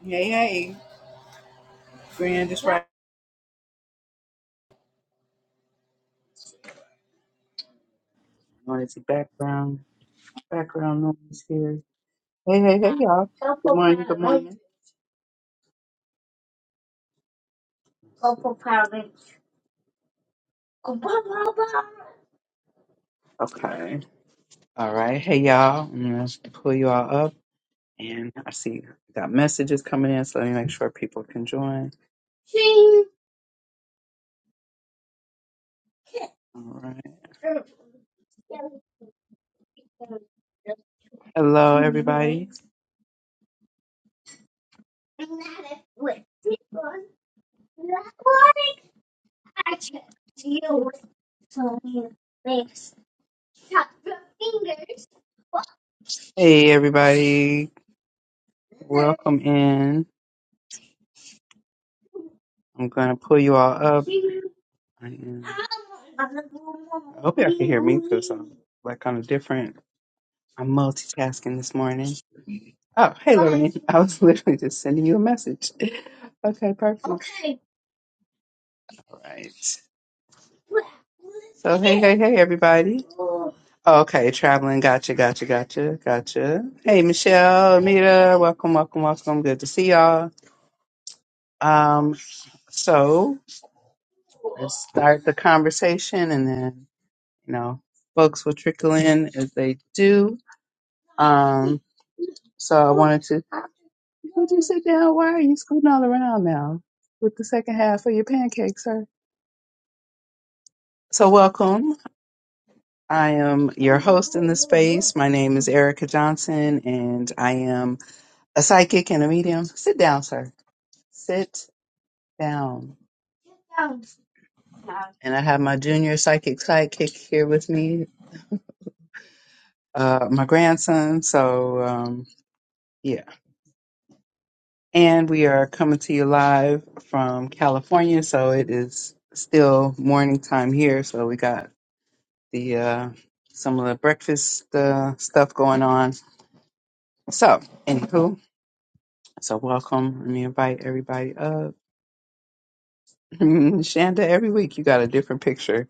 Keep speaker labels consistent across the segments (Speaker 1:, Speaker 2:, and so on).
Speaker 1: Hey, hey, Grand, just right. Wanted to background background noise here. Hey, hey, hey, y'all. Good morning. Good morning. Okay. All right. Hey, y'all. I'm gonna pull you all up, and I see I got messages coming in, so let me make sure people can join. All right. Hello, everybody. Hey, everybody. Welcome in. I'm gonna pull you all up. I am. I hope y'all can hear me because I'm like kind of different. I'm multitasking this morning. Oh, hey, Lorraine. I was literally just sending you a message. Okay, perfect. All right. So, hey, hey, hey, everybody. Okay, traveling. Gotcha, gotcha, gotcha, gotcha. Hey, Michelle, Amita, welcome, welcome, welcome. Good to see y'all. Um, so let's start the conversation, and then you know, folks will trickle in as they do. Um, so I wanted to. Would you sit down? Why are you scooting all around now with the second half of your pancakes, sir? So, welcome. I am your host in this space. My name is Erica Johnson, and I am a psychic and a medium. Sit down, sir. Sit down. And I have my junior psychic sidekick here with me, uh, my grandson. So, um, yeah. And we are coming to you live from California. So, it is still morning time here. So, we got the uh, some of the breakfast uh, stuff going on. So, anywho. So welcome and invite everybody up. Shanda, every week you got a different picture.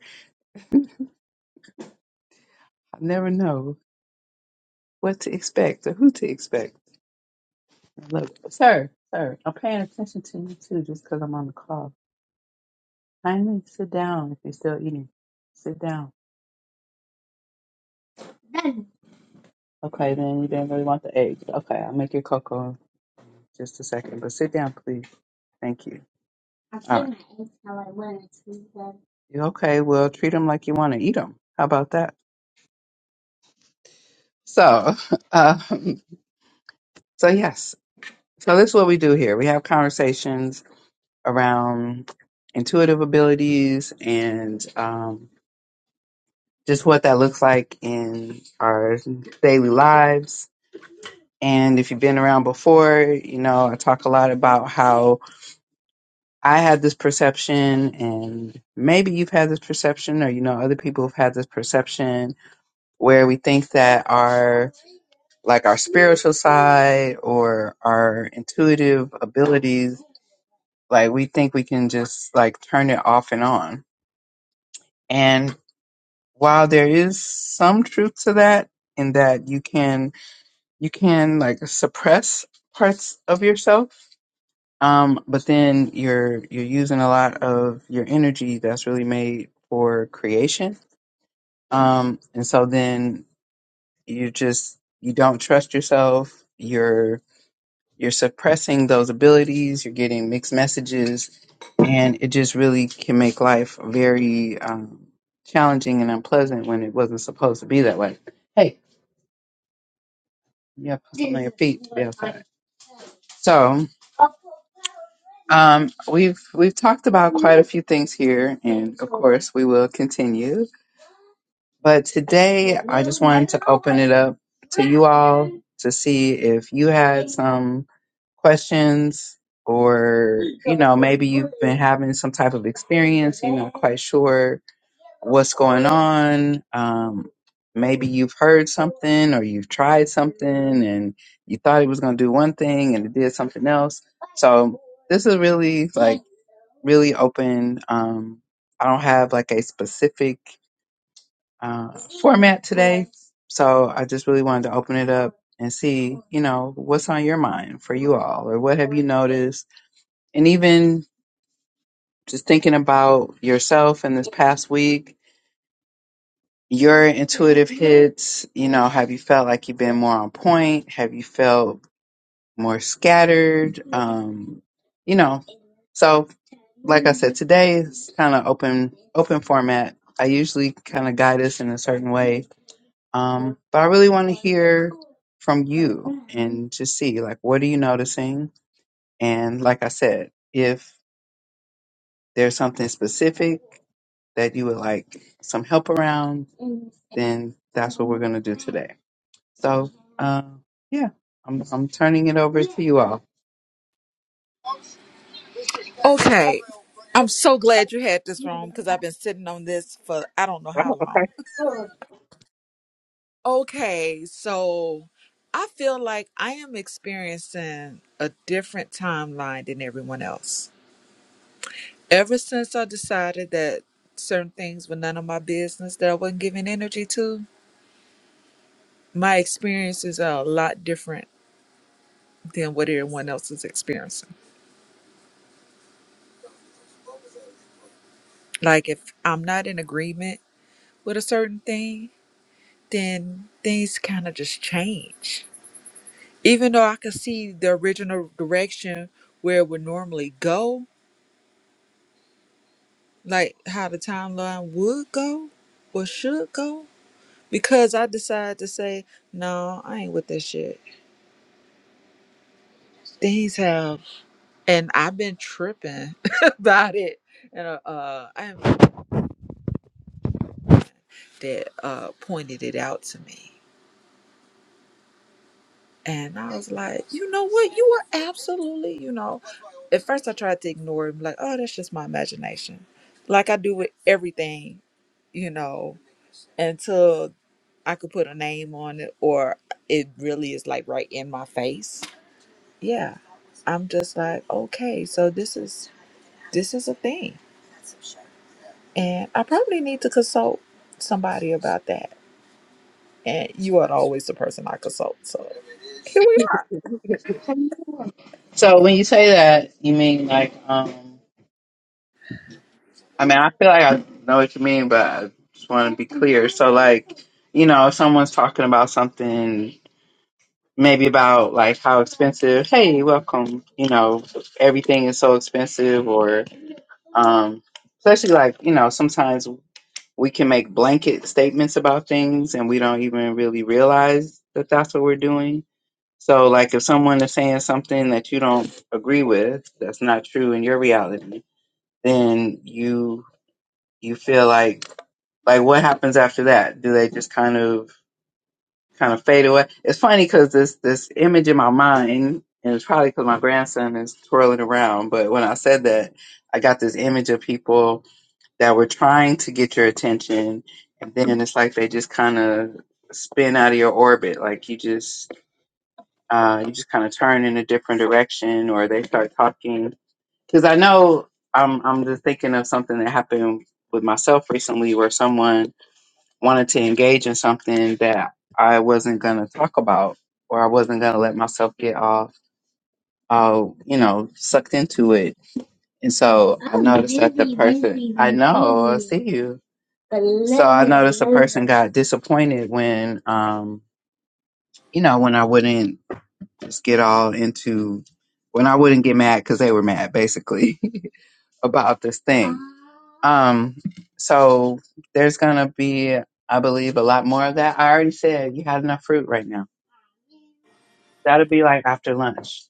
Speaker 1: I never know what to expect or who to expect. Look, sir, sir, I'm paying attention to you too just because I'm on the call. Kindly sit down if you're still eating. Sit down. Okay, then you didn't really want the egg. Okay, I'll make your cocoa in just a second, but sit down, please. Thank you. I All right. couldn't eat how I wanted to, but- You Okay, well, treat them like you want to eat them. How about that? So, um, so yes. So this is what we do here. We have conversations around intuitive abilities and um, just what that looks like in our daily lives. And if you've been around before, you know, I talk a lot about how I had this perception and maybe you've had this perception or, you know, other people have had this perception where we think that our, like our spiritual side or our intuitive abilities Like we think we can just like turn it off and on. And while there is some truth to that, in that you can you can like suppress parts of yourself, um, but then you're you're using a lot of your energy that's really made for creation. Um, and so then you just you don't trust yourself. You're you're suppressing those abilities. You're getting mixed messages and it just really can make life very um, challenging and unpleasant when it wasn't supposed to be that way. Hey, you have something on your feet. to be outside. So um, we've we've talked about quite a few things here, and of course we will continue. But today I just wanted to open it up to you all to see if you had some. questions or you know maybe you've been having some type of experience you're not quite sure what's going on um, maybe you've heard something or you've tried something and you thought it was going to do one thing and it did something else so this is really like really open um, i don't have like a specific uh, format today. So I just really wanted to open it up and see, you know, what's on your mind for you all, or what have you noticed, and even just thinking about yourself in this past week, your intuitive hits. You know, have you felt like you've been more on point? Have you felt more scattered? Um, you know, So, like I said, today is kind of open open format. I usually kind of guide us in a certain way, um, but I really want to hear from you and to see like what are you noticing. And like I said, if there's something specific that you would like some help around, then that's what we're gonna do today. So, um, yeah, I'm I'm turning it over to you all.
Speaker 2: Okay. I'm so glad you had this room because I've been sitting on this for I don't know how long. Okay, so I feel like I am experiencing a different timeline than everyone else. Ever since I decided that certain things were none of my business that I wasn't giving energy to, my experiences are a lot different than what everyone else is experiencing. Like if I'm not in agreement with a certain thing, then things kind of just change even though I could see the original direction where it would normally go, like how the timeline would go or should go, because I decided to say, no, I ain't with this shit. Things have, and I've been tripping about it. And uh, uh, I have that uh, pointed it out to me. And I was like, you know what? You were absolutely, you know. At first, I tried to ignore him, like, oh, that's just my imagination. Like I do with everything, you know until I could put a name on it or it really is like right in my face. Yeah. I'm just like, okay, so this is this is a thing. And I probably need to consult somebody about that. And you are always the person I consult. So here we are.
Speaker 1: So when you say that, you mean like. Um, I mean, I feel like I know what you mean, but I just want to be clear. So, like, you know, if someone's talking about something, maybe about like how expensive, hey, welcome, you know, everything is so expensive, or, um, especially like, you know, sometimes we can make blanket statements about things and we don't even really realize that that's what we're doing. So, like, if someone is saying something that you don't agree with, that's not true in your reality, then you you feel like like what happens after that? Do they just kind of kind of fade away? It's funny because this this image in my mind, and it's probably because my grandson is twirling around. But when I said that, I got this image of people that were trying to get your attention, and then it's like they just kind of spin out of your orbit. Like you just uh, you just kind of turn in a different direction, or they start talking. Because I know I'm I'm just thinking of something that happened with myself recently, where someone wanted to engage in something that I wasn't going to talk about or I wasn't going to let myself get all, uh, you know, sucked into it. And so I noticed that the person, I know, I see you. So I noticed the person got disappointed when, um, you know, when I wouldn't just get all into, when I wouldn't get mad because they were mad, basically. about this thing. Um, so there's gonna be, I believe, a lot more of that. I already said you had enough fruit right now. That'll be like after lunch.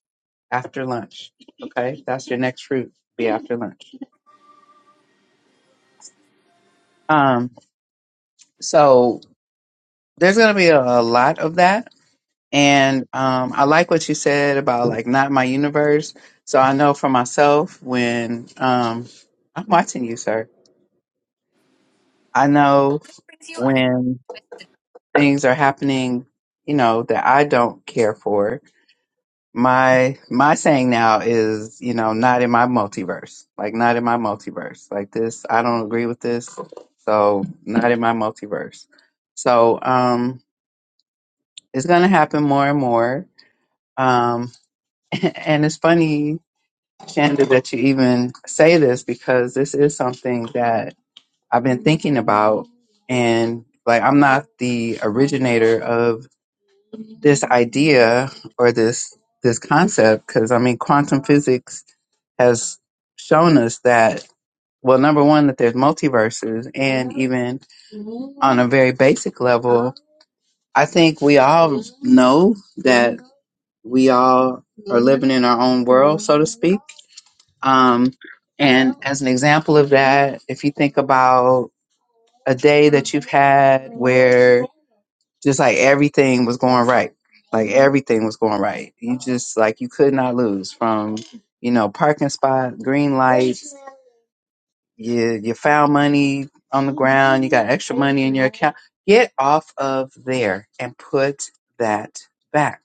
Speaker 1: After lunch. Okay? That's your next fruit. Be after lunch. Um, so there's gonna be a, a lot of that. And um I like what you said about like not my universe. So I know for myself when um I'm watching you, sir. I know when things are happening, you know, that I don't care for. My my saying now is, you know, not in my multiverse. Like not in my multiverse. Like this, I don't agree with this. So not in my multiverse. So um it's gonna happen more and more. Um and it's funny, Shanda, that you even say this because this is something that I've been thinking about and like I'm not the originator of this idea or this this concept because I mean quantum physics has shown us that well number one that there's multiverses and even on a very basic level I think we all know that we all are living in our own world so to speak um and as an example of that if you think about a day that you've had where just like everything was going right. Like everything was going right. You just like you could not lose from, you know, parking spot, green lights, you you found money on the ground, you got extra money in your account. Get off of there and put that back.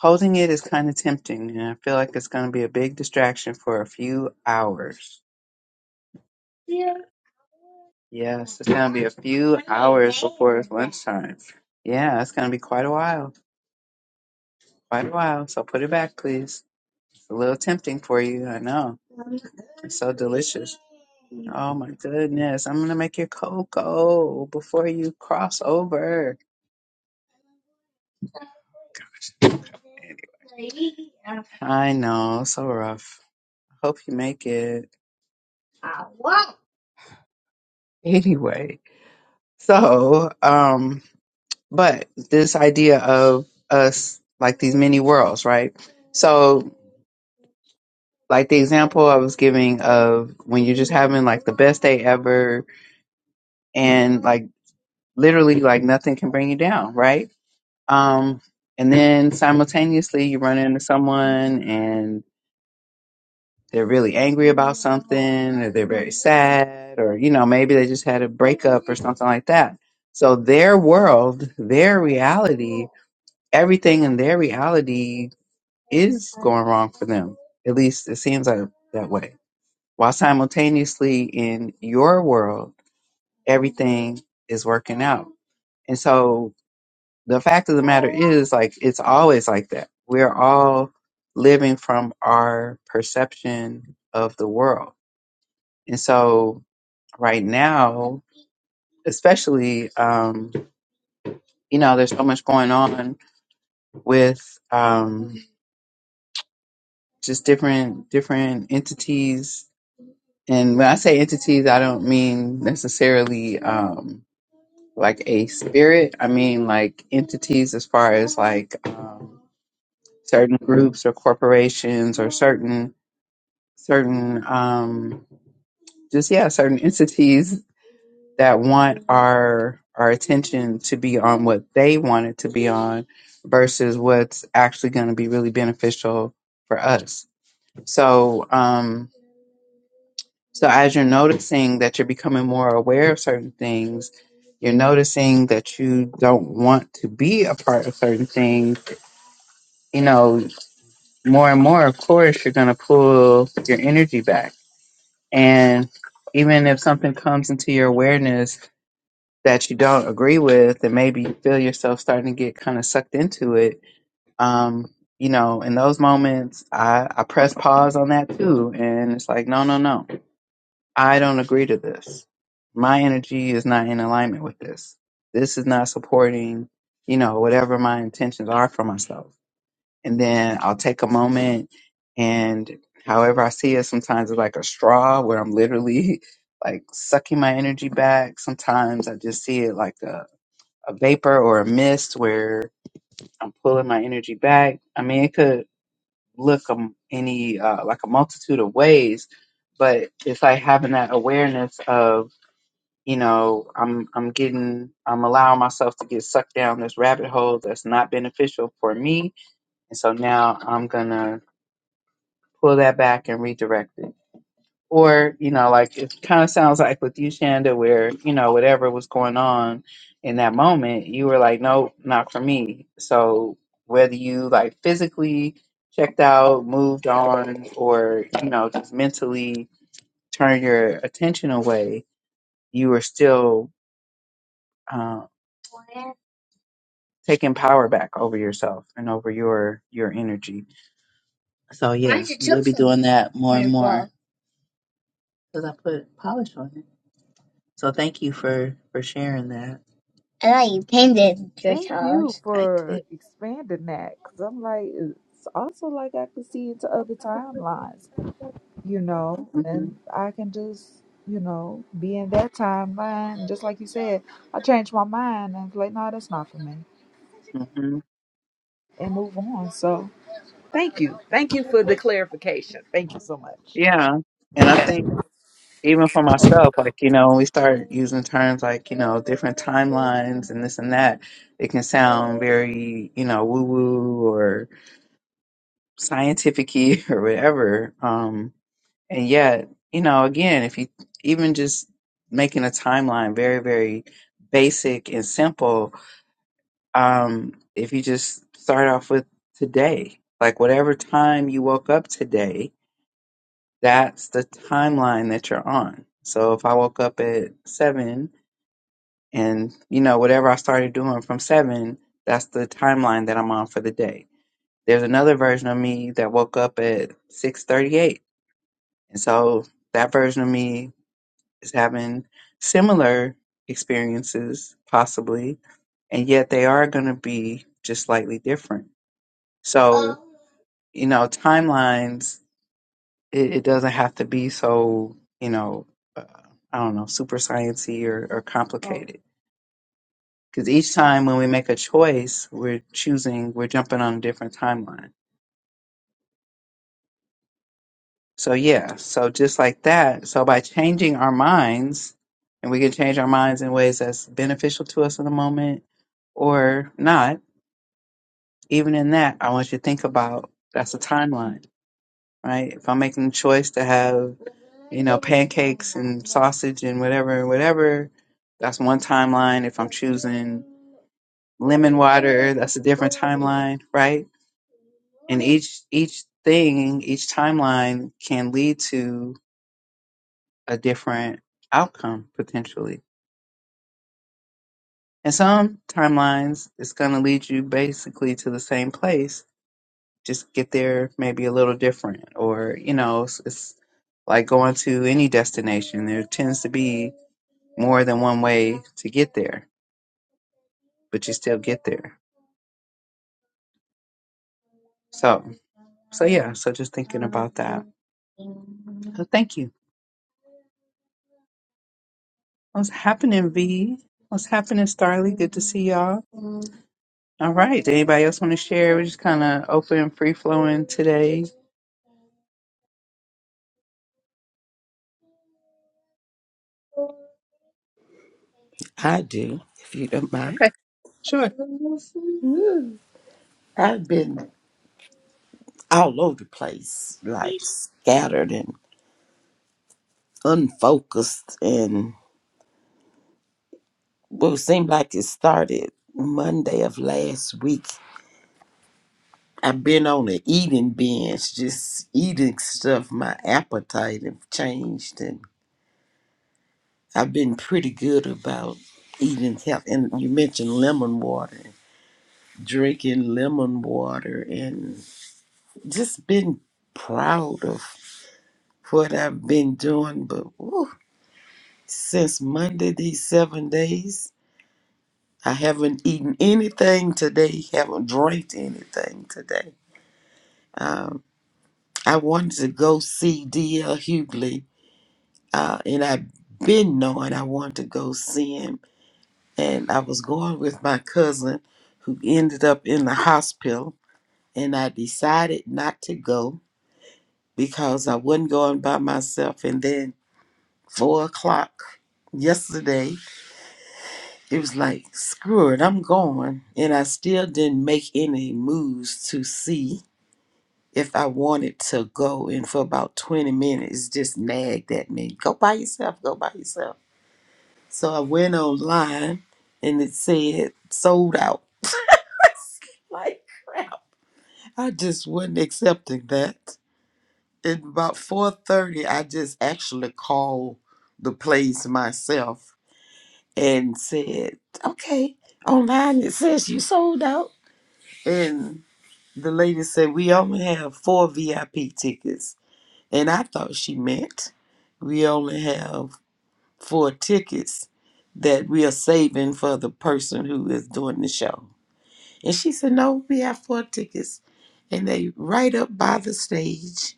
Speaker 1: Holding it is kind of tempting and I feel like it's going to be a big distraction for a few hours. Yes, it's gonna be a few hours before lunchtime. Yeah, it's gonna be quite a while. Quite a while. So put it back, please. It's a little tempting for you, I know. It's so delicious. Oh my goodness. I'm gonna make your cocoa before you cross over. I know, so rough. Hope you make it. Anyway. So, um, but this idea of us like these mini worlds, right? So. like the example I was giving of when you're just having like the best day ever and like literally like nothing can bring you down, right? Um and then simultaneously you run into someone and they're really angry about something or they're very sad or you know maybe they just had a breakup or something like that. So their world, their reality, everything in their reality is going wrong for them. At least it seems like that way. while simultaneously in your world, everything is working out. And so the fact of the matter is, like, it's always like that. We're all living from our perception of the world. And so right now, especially, um, you know, there's so much going on with, um, just different, different entities. And when I say entities, I don't mean necessarily, Um, like a spirit. I mean, like entities as far as like um, certain groups or corporations or certain certain um, just yeah certain entities that want our our attention to be on what they want it to be on versus what's actually going to be really beneficial for us. So um, So as you're noticing that you're becoming more aware of certain things, you're noticing that you don't want to be a part of certain things, you know, more and more, of course, you're going to pull your energy back. And even if something comes into your awareness that you don't agree with, and maybe you feel yourself starting to get kind of sucked into it, um, you know, in those moments, I, I press pause on that too. And it's like, no, no, no. I don't agree to this. My energy is not in alignment with this. This is not supporting, you know, whatever my intentions are for myself. And then I'll take a moment and however I see it, sometimes it's like a straw where I'm literally like sucking my energy back. Sometimes I just see it like a, a vapor or a mist where I'm pulling my energy back. I mean, it could look um, any, uh, like a multitude of ways, but it's like having that awareness of you know i'm i'm getting i'm allowing myself to get sucked down this rabbit hole that's not beneficial for me and so now i'm gonna pull that back and redirect it or you know like it kind of sounds like with you shanda where you know whatever was going on in that moment you were like nope not for me so whether you like physically checked out moved on or you know just mentally turn your attention away you were still um, taking power back over yourself and over your your energy. So yeah, Mind we'll be doing that more and more because I put polish on it. So thank you for for sharing that.
Speaker 2: Thank you
Speaker 1: I
Speaker 2: for
Speaker 1: did.
Speaker 2: expanding that because I'm like, it's also like I could see into other timelines. you know,
Speaker 1: hmm
Speaker 2: and I can just, you know, be in that timeline. Just like you said, I changed my mind and was like, no, that's not for me,
Speaker 1: hmm
Speaker 2: and move on. So thank you, thank you for the clarification. Thank you so much.
Speaker 1: Yeah, and I think even for myself, like you know, when we start using terms like you know different timelines and this and that, it can sound very you know woo woo or scientific or whatever. Um, And yet, you know, again, if you even just making a timeline very, very basic and simple, um, if you just start off with today, like whatever time you woke up today, that's the timeline that you're on. So if I woke up at seven and, you know, whatever I started doing from seven, that's the timeline that I'm on for the day. There's another version of me that woke up at 638. And so that version of me is having similar experiences, possibly, and yet they are going to be just slightly different. So, you know, timelines, it, it doesn't have to be so, you know, uh, I don't know, super sciencey or, or complicated. Because each time when we make a choice, we're choosing, we're jumping on a different timeline. So yeah, so just like that. So by changing our minds, and we can change our minds in ways that's beneficial to us in the moment or not. Even in that, I want you to think about that's a timeline, right? If I'm making a choice to have, you know, pancakes and sausage and whatever and whatever, that's one timeline. If I'm choosing lemon water that's a different timeline right and each each thing each timeline can lead to a different outcome potentially. And some timelines, it's going to lead you basically to the same place. Just get there maybe a little different, or you know, it's, it's like going to any destination. There tends to be more than one way to get there, but you still get there. So, so yeah. So just thinking about that. So thank you. What's happening, V? What's happening, Starly? Good to see y'all. All right. Anybody else want to share? We're just kind of open, free flowing today.
Speaker 3: I do, if you don't mind.
Speaker 1: Sure.
Speaker 3: I've been all over the place, like scattered and unfocused, and well, it seemed like it started Monday of last week. I've been on an eating binge, just eating stuff. My appetite have changed, and I've been pretty good about eating health. And you mentioned lemon water, drinking lemon water, and just been proud of. what I've been doing, but woo, since Monday, these seven days, I haven't eaten anything today, haven't drank anything today. Um, I wanted to go see D.L. Hughley, uh, and I've been knowing I wanted to go see him, and I was going with my cousin who ended up in the hospital, and I decided not to go because I wasn't going by myself, and then four o'clock yesterday it was like, screw it, I'm going. And I still didn't make any moves to see if I wanted to go. And for about 20 minutes, just nagged at me, go by yourself, go by yourself. So I went online and it said sold out. Like crap. I just wasn't accepting that. At about 4.30, I just actually called the place myself and said, okay, online it says you sold out. and The lady said, We only have four VIP tickets. And I thought she meant we only have four tickets that we are saving for the person who is doing the show. And she said, No, we have four tickets. And they right up by the stage.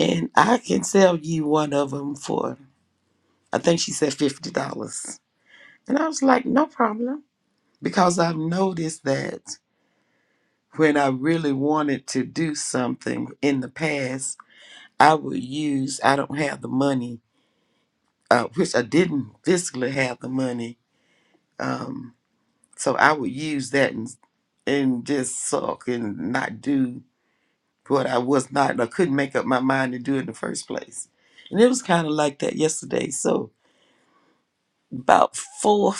Speaker 3: And I can sell you one of them for, I think she said $50. And I was like, No problem. Because I've noticed that when I really wanted to do something in the past, I would use, I don't have the money, uh, which I didn't physically have the money. Um, so I would use that and, and just suck and not do what I was not, I couldn't make up my mind to do in the first place. And it was kind of like that yesterday. So about four,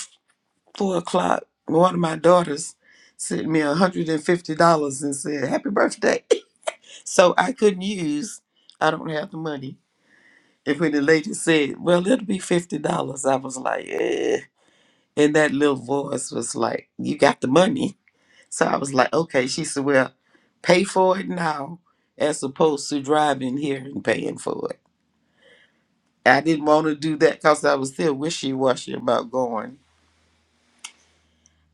Speaker 3: four o'clock, one of my daughters sent me $150 and fifty dollars and said, happy birthday. so I couldn't use, I don't have the money. And when the lady said, Well, it'll be fifty dollars, I was like, eh. And that little voice was like, You got the money. So I was like, Okay. She said, Well, pay for it now as opposed to driving here and paying for it. I didn't want to do that because I was still wishy washy about going.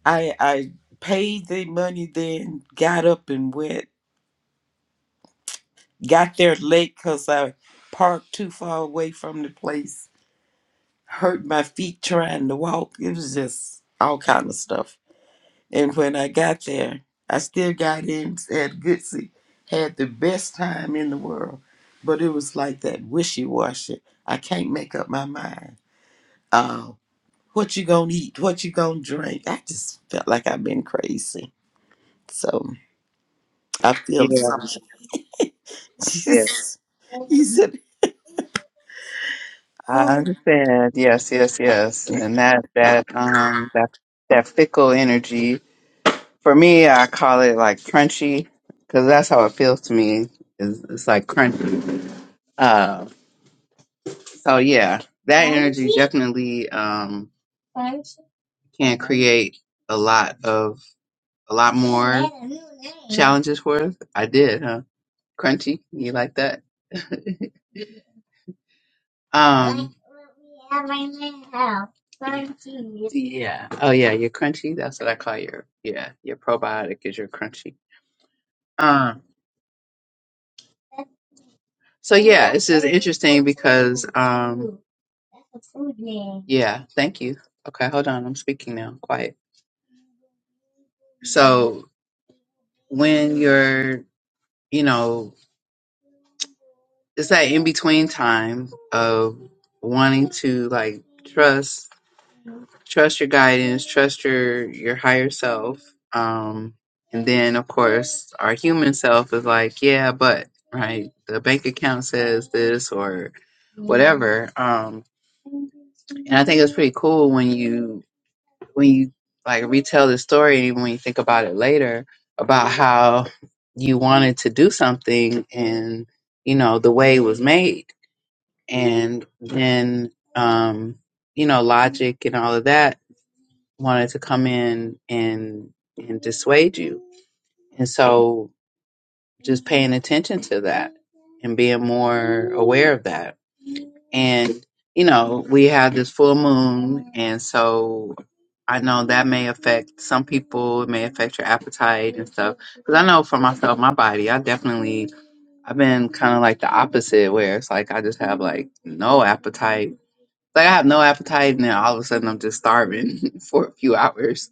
Speaker 3: I I paid the money then, got up and went, got there late because I parked too far away from the place, hurt my feet trying to walk. It was just all kind of stuff. And when I got there, I still got in at Goodsey, had the best time in the world. But it was like that wishy-washy. I can't make up my mind. Uh, what you gonna eat? What you gonna drink? I just felt like I've been crazy. So I
Speaker 1: Yeah,
Speaker 3: feel something.
Speaker 1: yeah,
Speaker 3: he said,
Speaker 1: I
Speaker 3: oh.
Speaker 1: understand. Yes, yes, yes. And that that um that that fickle energy for me, I call it like crunchy because that's how it feels to me. It's, it's like crunchy. Uh, so yeah, that energy definitely um can create a lot of a lot more challenges for us. I did, huh? Crunchy, you like that? Um, yeah. Oh, yeah. You're crunchy. That's what I call your yeah. Your probiotic is your crunchy. Um. So yeah, this is interesting because um. Yeah. Thank you. Okay. Hold on. I'm speaking now. Quiet. So when you're, you know, it's that in between time of wanting to like trust trust your guidance, trust your your higher self. Um, and then of course our human self is like, yeah, but right, the bank account says this or whatever. Um, and I think it's pretty cool when you when you like retell the story when you think about it later about how you wanted to do something and you know the way it was made and then um you know logic and all of that wanted to come in and and dissuade you. And so just paying attention to that and being more aware of that. And you know, we have this full moon and so I know that may affect some people, it may affect your appetite and stuff. Cuz I know for myself, my body, I definitely I've been kind of like the opposite where it's like I just have like no appetite. Like I have no appetite and then all of a sudden I'm just starving for a few hours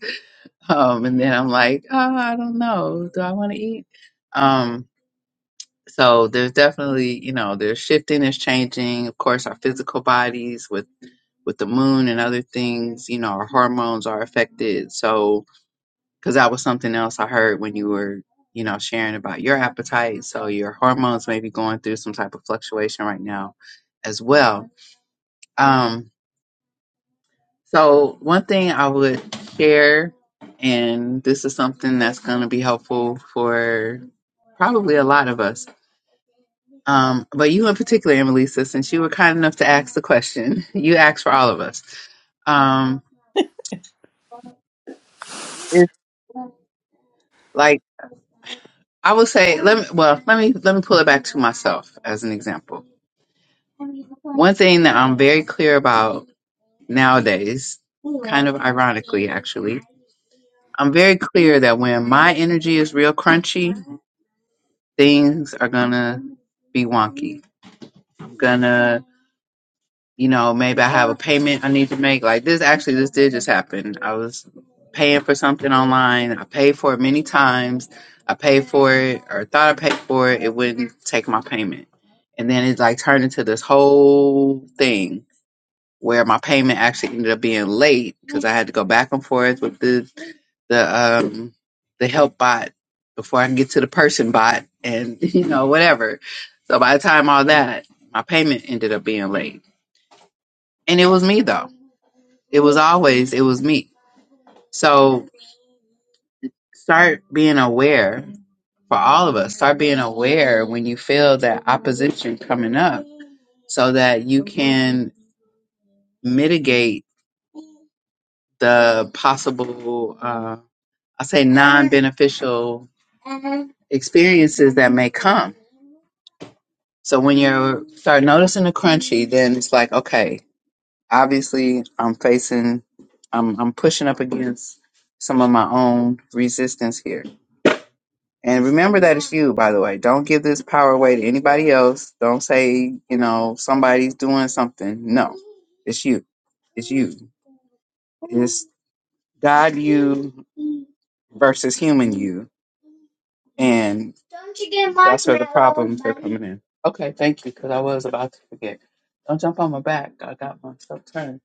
Speaker 1: Um, and then I'm like, oh, I don't know. Do I want to eat? Um, so there's definitely, you know, there's shifting, is changing. Of course, our physical bodies with with the moon and other things, you know, our hormones are affected. So, because that was something else I heard when you were, you know, sharing about your appetite. So your hormones may be going through some type of fluctuation right now as well. Um, so one thing I would share and this is something that's going to be helpful for Probably a lot of us. Um, but you in particular, Annalisa, since you were kind enough to ask the question, you asked for all of us. Um, it's like I would say, let me well, let me let me pull it back to myself as an example. One thing that I'm very clear about nowadays, kind of ironically actually, I'm very clear that when my energy is real crunchy, things are gonna be wonky. I'm gonna you know, maybe I have a payment I need to make. Like this actually this did just happen. I was paying for something online. I paid for it many times. I paid for it or thought I paid for it. It wouldn't take my payment. And then it like turned into this whole thing where my payment actually ended up being late because I had to go back and forth with the the um the help bot before I can get to the person bot and you know, whatever. So by the time all that, my payment ended up being late. And it was me though it was always, it was me. So start being aware for all of us. Start being aware when you feel that opposition coming up so that you can mitigate the possible, uh, I say, non beneficial experiences that may come. So when you start noticing the crunchy, then it's like, okay, obviously I'm facing, I'm, I'm pushing up against some of my own resistance here And remember that it's you, by the way. Don't give this power away to anybody else. Don't say, you know, somebody's doing something. No, it's you. It's you. It's God you versus human you. And that's where the problems are coming in. Okay, thank you, because I was about to forget. Don't jump on my back. I got myself turned.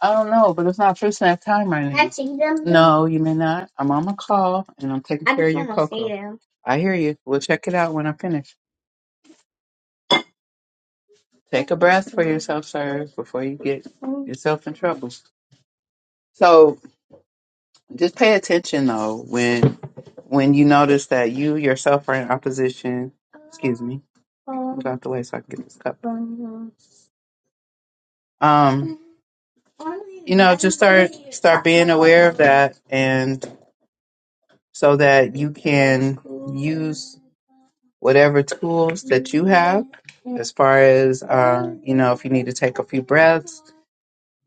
Speaker 1: I don't know, but it's not first snack time right now. No, you may not. I'm on my call and I'm taking care of your cocoa. I hear you. We'll check it out when I finish. Take a breath for yourself, sir, before you get yourself in trouble. So just pay attention though when when you notice that you yourself are in opposition. Excuse me. Get out the way so I can get this cup. Um, you know, just start start being aware of that, and so that you can use whatever tools that you have, as far as um, you know, if you need to take a few breaths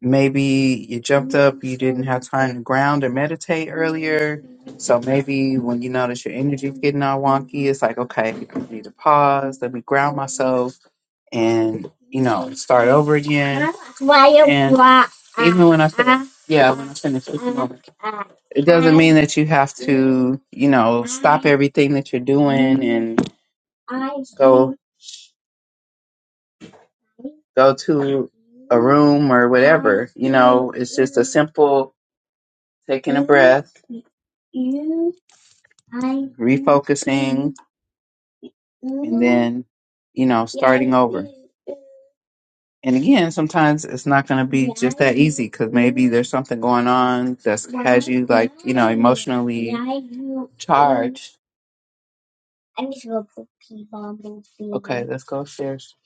Speaker 1: maybe you jumped up, you didn't have time to ground or meditate earlier. So maybe when you notice your energy's getting all wonky, it's like, okay, I need to pause, let me ground myself and, you know, start over again. And even when I finish, yeah, when I finish speaking, over, it doesn't mean that you have to, you know, stop everything that you're doing and go go to a room or whatever. You know, it's just a simple taking a breath refocusing, and then, you know, starting over. And again, sometimes it's not going to be just that easy because maybe there's something going on that's has you like, you know, emotionally charged. Okay, let's go upstairs.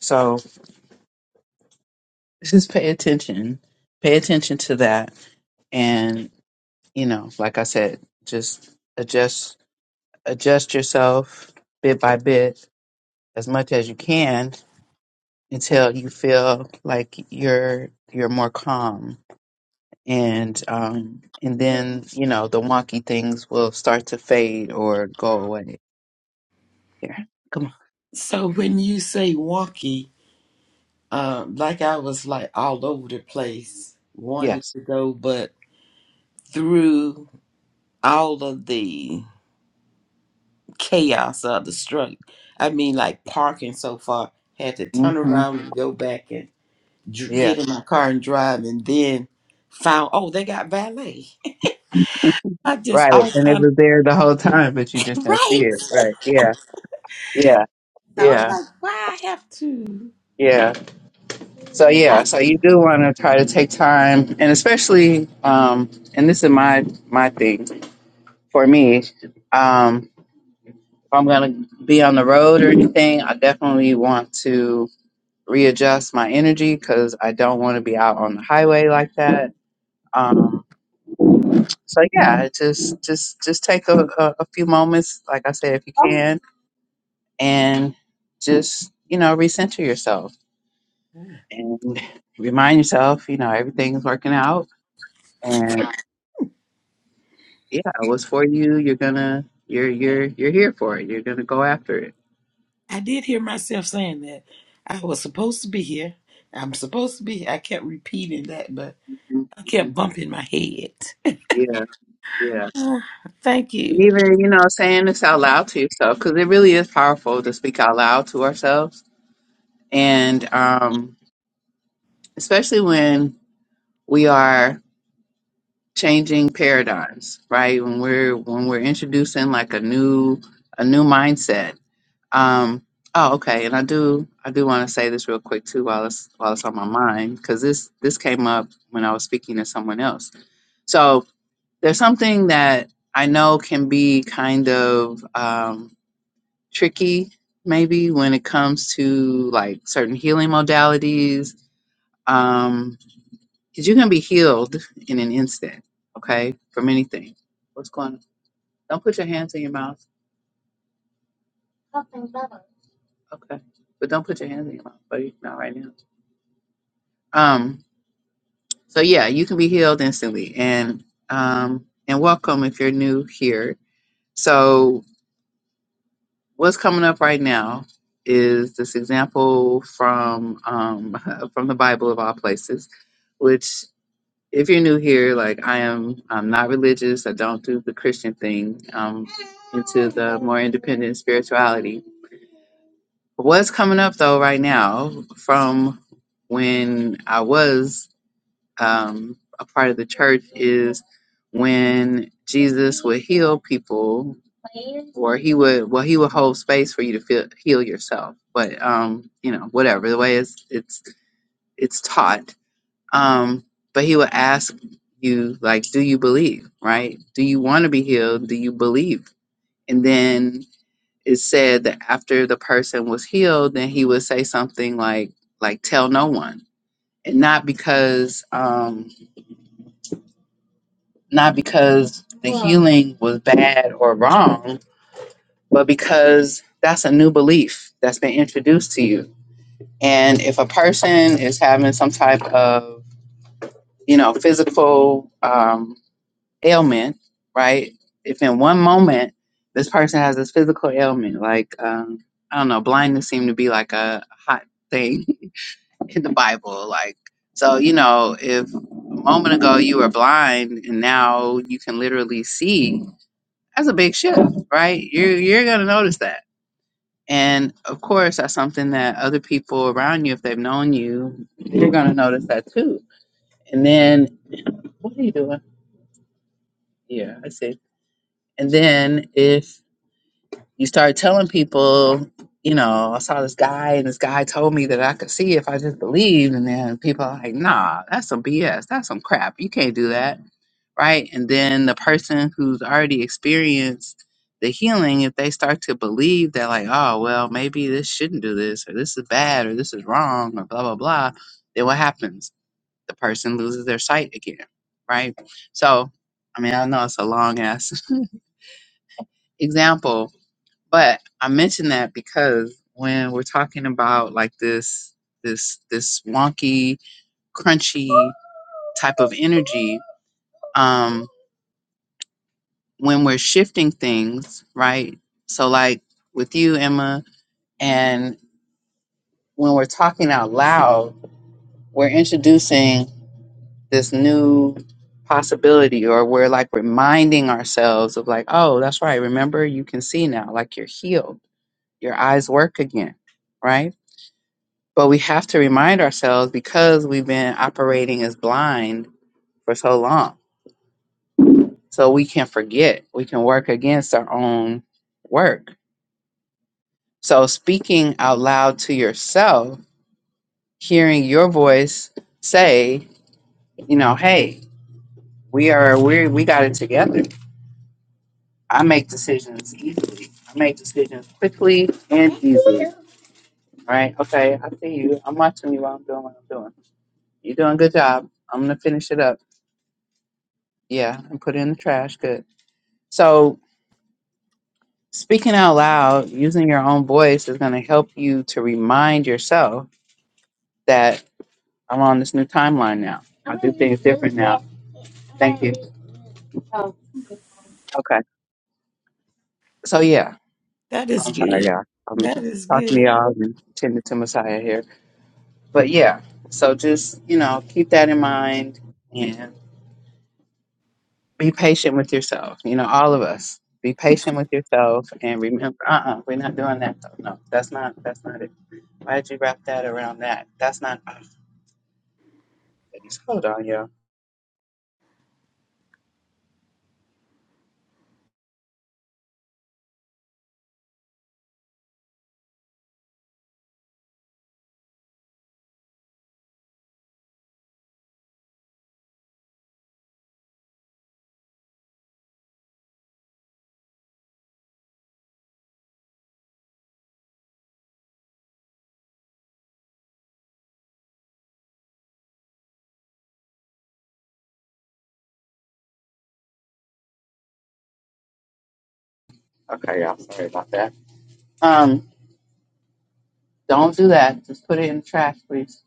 Speaker 1: So just pay attention. Pay attention to that. And, you know, like I said, just adjust adjust yourself bit by bit as much as you can until you feel like you're you're more calm and um and then you know the wonky things will start to fade or go away yeah come on
Speaker 3: So when you say wonky, uh, like I was like all over the place, wanted
Speaker 1: yes
Speaker 3: to go, but through all of the chaos of the struggle. I mean, like parking so far, had to turn
Speaker 1: hmm
Speaker 3: around and go back and dr-
Speaker 1: yeah
Speaker 3: get in my car and drive, and then found oh they got valet. I just
Speaker 1: right
Speaker 3: all
Speaker 1: and it
Speaker 3: kind
Speaker 1: was there the whole time but you just
Speaker 3: of
Speaker 1: didn't see
Speaker 3: right.
Speaker 1: it right yeah yeah
Speaker 3: So I'm
Speaker 1: yeah
Speaker 3: like, why I have to?
Speaker 1: yeah so
Speaker 3: I
Speaker 1: yeah so you do want to try to take time and especially um and this is my my thing for me Um, if I'm going to be on the road or anything, I definitely want to readjust my energy because I don't want to be out on the highway like that. Um, so yeah, it just just just take a, a, a few moments, like I said, if you can, and just you know recenter yourself and remind yourself, you know, everything's working out, and yeah, it was for you. You're gonna you're you're you're here for it. You're gonna go after it.
Speaker 3: I did hear myself saying that I was supposed to be here. I'm supposed to be. here. I kept repeating that, but
Speaker 1: Mhm,
Speaker 3: I
Speaker 1: mhm.
Speaker 3: kept bumping my head.
Speaker 1: Yeah, yeah.
Speaker 3: Ah, thank
Speaker 1: And
Speaker 3: you.
Speaker 1: even, you know, saying this out loud to yourself, because it really is powerful to speak out loud to ourselves. And um, especially when we are changing paradigms, right? When we're when we're introducing like a new a new mindset. Um, oh, okay. And I do I do want to say this real quick too while it's while it's on my mind, because this this came up when I was speaking to someone else. So there's something that I know can be kind of um tricky maybe when it comes to like certain healing modalities um because you can be healed in an instant okay from anything what's going on don't put your hands in your mouth okay but don't put your hands in your mouth buddy not right now um so yeah you can be healed instantly and um and welcome if you're new here so what's coming up right now is this example from um from the bible of all places which if you're new here, like I am, I'm not religious. I don't do the Christian thing. I'm into the more independent spirituality. What's coming up though right now from when I was um, a part of the church is when Jesus would heal people, or he would well he would hold space for you to feel, heal yourself. But um, you know, whatever the way it's it's it's taught um, but he will ask you, like, do you believe, right? Do you want to be healed? Do you believe? And then it said that after the person was healed, then he would say something like, like, tell no one. And not because, um, not because the Well- healing was bad or wrong, but because that's a new belief that's been introduced to you. And if a person is having some type of, you know, physical, um, ailment, right? If in one moment this person has this physical ailment, like um, I don't know, blindness seemed to be like a hot thing in the Bible. Like, so you know, if a moment ago you were blind and now you can literally see, that's a big shift, right? You're you're gonna notice that. And of course, that's something that other people around you, if they've known you, you're gonna notice that too. And then, what are you doing? Yeah, I see. And then if you start telling people, you know, I saw this guy and this guy told me that I could see if I just believed. And then people are like, nah, that's some BS. That's some crap. You can't do that. Right. And then the person who's already experienced the healing, if they start to believe that, like, oh, well, maybe this shouldn't do this, or this is bad, or this is wrong, or blah, blah, blah, then what happens? The person loses their sight again. Right. So, I mean, I know it's a long ass example, but I mention that because when we're talking about like this this this wonky, crunchy type of energy, um, when we're shifting things, right? So like with you, Emma, and when we're talking out loud, we're introducing this new possibility or we're like reminding ourselves of like, oh, that's right, remember you can see now, like you're healed, your eyes work again, right? But we have to remind ourselves because we've been operating as blind for so long. So we can forget. We can work against our own work. So speaking out loud to yourself, hearing your voice say, you know, hey, we are we we got it together. I make decisions easily. I make decisions quickly and easily. Right? Okay, I see you. I'm watching you while I'm doing what I'm doing. You're doing a good job. I'm gonna finish it up. Yeah, and put it in the trash. Good So, speaking out loud, using your own voice is going to help you to remind yourself that I'm on this new timeline now. I do things different now. Thank you. Okay. So, yeah,
Speaker 3: That is
Speaker 1: I'm sorry,
Speaker 3: good.
Speaker 1: y'all. I'm
Speaker 3: That is
Speaker 1: talking to
Speaker 3: good.
Speaker 1: y'all and tending to Messiah here. But, yeah, so just, you know, keep that in mind and be patient with yourself. You know, all of us. Be patient with yourself and remember, uh uh-uh, uh, we are not doing that. Though. No, that's not, that's not it. Why did you wrap that around that? That's not. uh, Eddie's hold on, y'all. Okay, y'all. Sorry about that. Um, don't do that. Just put it in the trash, please.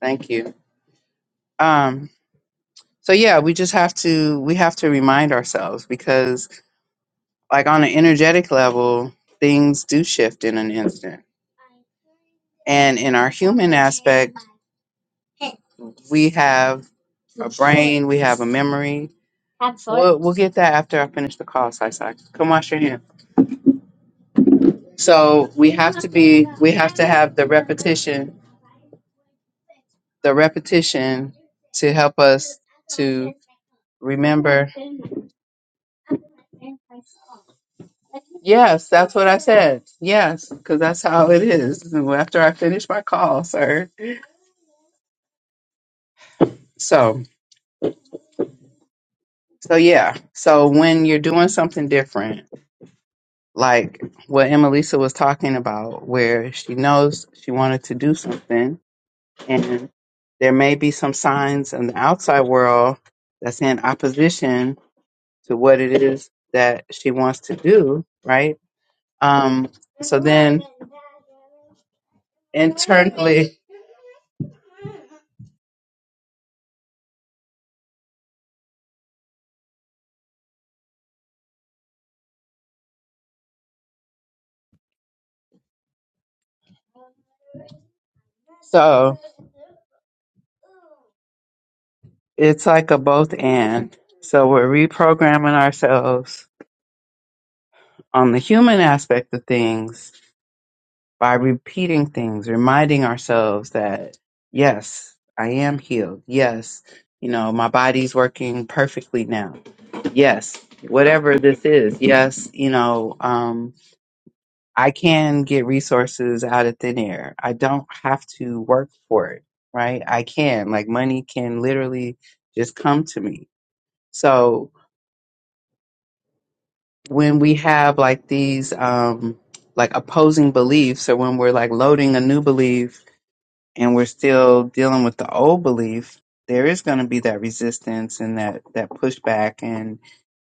Speaker 1: Thank you. Um, so yeah, we just have to we have to remind ourselves because like on an energetic level, things do shift in an instant. And in our human aspect, we have a brain, we have a memory. We'll, we'll get that after I finish the call, Sai Sai. Come wash your hands. So we have to be, we have to have the repetition the repetition to help us to remember. Yes, that's what I said. Yes, because that's how it is. After I finish my call, sir. So, so yeah. So when you're doing something different, like what Emelisa was talking about, where she knows she wanted to do something, and there may be some signs in the outside world that's in opposition to what it is that she wants to do, right? Um, so then internally, so it's like a both and. So we're reprogramming ourselves on the human aspect of things by repeating things, reminding ourselves that, yes, I am healed. Yes, you know, my body's working perfectly now. Yes, whatever this is. Yes, you know, Um. I can get resources out of thin air. I don't have to work for it, right? I can, like, money can literally just come to me. So when we have like these, um, like opposing beliefs, or when we're like loading a new belief and we're still dealing with the old belief, there is going to be that resistance and that that pushback, and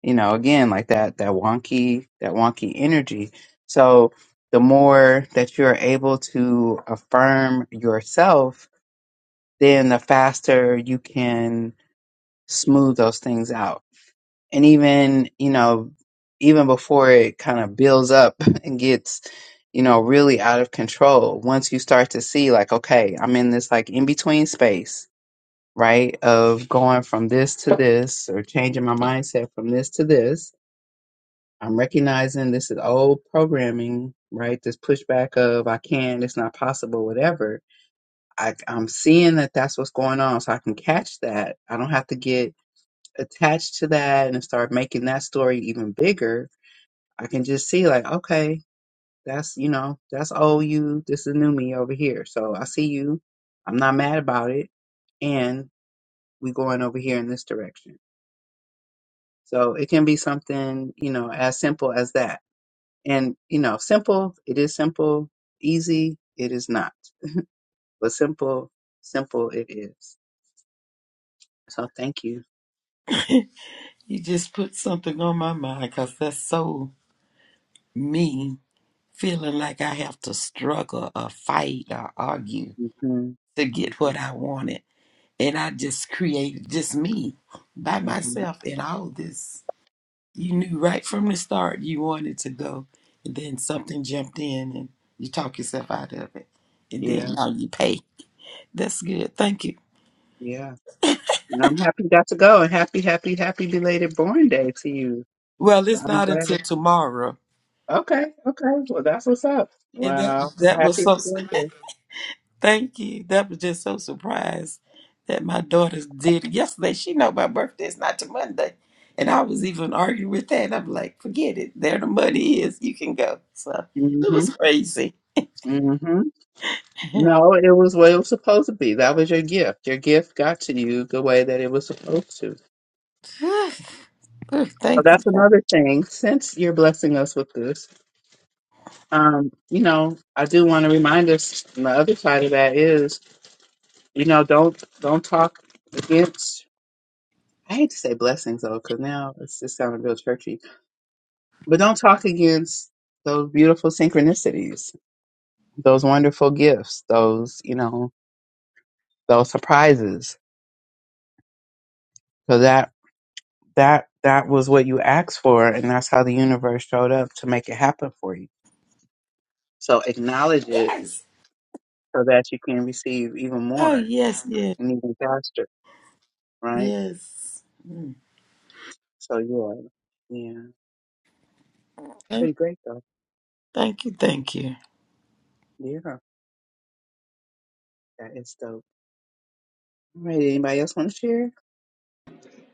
Speaker 1: you know, again, like that that wonky that wonky energy. So the more that you're able to affirm yourself, then the faster you can smooth those things out and even you know even before it kind of builds up and gets you know really out of control once you start to see like okay i'm in this like in between space right of going from this to this or changing my mindset from this to this i'm recognizing this is old programming right this pushback of i can't it's not possible whatever I, i'm seeing that that's what's going on so i can catch that i don't have to get attached to that and start making that story even bigger I can just see like, okay, that's you know, that's old you, this is new me over here. So I see you. I'm not mad about it. And we going over here in this direction. So it can be something, you know, as simple as that. And, you know, simple, it is simple, easy, it is not. But simple, simple it is. So thank you.
Speaker 3: You just put something on my mind because that's so me feeling like I have to struggle or fight or argue
Speaker 1: hmm
Speaker 3: to get
Speaker 1: hmm
Speaker 3: what I wanted. And I just created just me by
Speaker 1: hmm
Speaker 3: myself in all this. You knew right from the start you wanted to go, and then something jumped in and you talk yourself out of it. And then
Speaker 1: Yeah,
Speaker 3: now you pay. That's good. Thank you.
Speaker 1: yeah. And I'm happy you got to go and happy, happy, happy belated born day to you.
Speaker 3: Well,
Speaker 1: So
Speaker 3: it's
Speaker 1: I'm
Speaker 3: not
Speaker 1: glad.
Speaker 3: until tomorrow.
Speaker 1: Okay, okay. Well, that's what's up.
Speaker 3: And that
Speaker 1: Wow, I'm
Speaker 3: that was
Speaker 1: happy
Speaker 3: so
Speaker 1: for you.
Speaker 3: Thank you. That was just so surprised that my daughter did it yesterday. She know my birthday is not to Monday. And I was even arguing with that. I'm like, forget it. There the money is. You can go. So it
Speaker 1: Mm-hmm.
Speaker 3: was crazy.
Speaker 1: Mm-hmm.
Speaker 3: Whew.
Speaker 1: No, it was what it was supposed to be. That was your gift. Your gift got to you the way that it was supposed to.
Speaker 3: Whew.
Speaker 1: So
Speaker 3: Thank you.
Speaker 1: that's
Speaker 3: Thank-
Speaker 1: another thing. Since you're blessing us with this, um, you know, I do want to remind us. And the other side of that is, you know, don't don't talk against. I hate to say blessings though, because now it's just sounding real churchy. But don't talk against those beautiful synchronicities those wonderful gifts, those, you know, those surprises. So that, that, that was what you asked for. And that's how the universe showed up to make it happen for you. So acknowledge it
Speaker 3: Yes.
Speaker 1: so that you can receive even
Speaker 3: Oh,
Speaker 1: more
Speaker 3: yes, yes,
Speaker 1: and even faster. Right.
Speaker 3: yes. Mm.
Speaker 1: So yeah. Yeah.
Speaker 3: Thank
Speaker 1: Pretty great though.
Speaker 3: thank you. Thank you.
Speaker 1: Yeah. That is dope. All right. Anybody else want to share?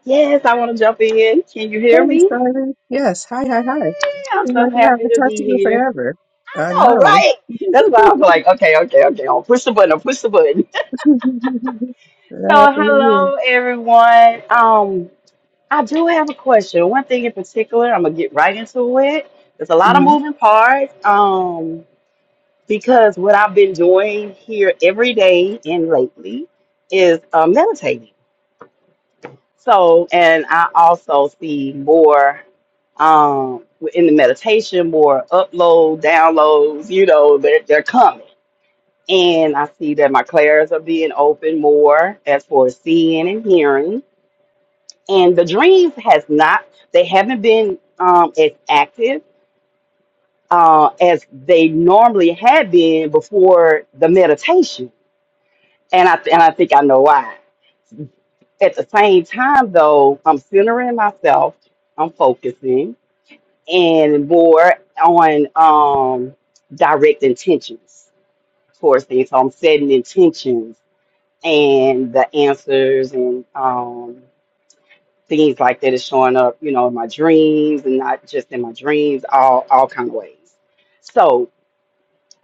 Speaker 4: Yes, I want to jump in. Can you hear
Speaker 1: Hey,
Speaker 4: me?
Speaker 1: Simon. Yes. Hi, hi, hi.
Speaker 4: Hey, I'm
Speaker 1: Seems
Speaker 4: so
Speaker 1: like I
Speaker 4: happy
Speaker 1: haven't
Speaker 4: to
Speaker 1: talked
Speaker 4: be
Speaker 1: to you
Speaker 4: here.
Speaker 1: forever. I
Speaker 4: I know,
Speaker 1: know.
Speaker 4: right? That's why I was like, okay, okay, okay. I'll push the button. I'll push the button. So,
Speaker 1: Happy New
Speaker 4: hello, everyone. Um, I do have a question. One thing in particular, I'm gonna get right into it. There's a
Speaker 1: Year.
Speaker 4: lot of
Speaker 1: Mhm,
Speaker 4: moving parts. Um, because what I've been doing here every day and lately is uh, meditating. So, and I also see more um, in the meditation, more upload, downloads, you know, they're, they're coming. And I see that my clairs are being open more as for seeing and hearing. And the dreams has not, they haven't been um, as active uh, as they normally had been before the meditation. And I, and I think I know why. At the same time, though, I'm centering myself, I'm focusing, and more on um, direct intentions towards things. So I'm setting intentions and the answers and um, things like that is showing up, you know, in my dreams and not just in my dreams, all all kind of ways. So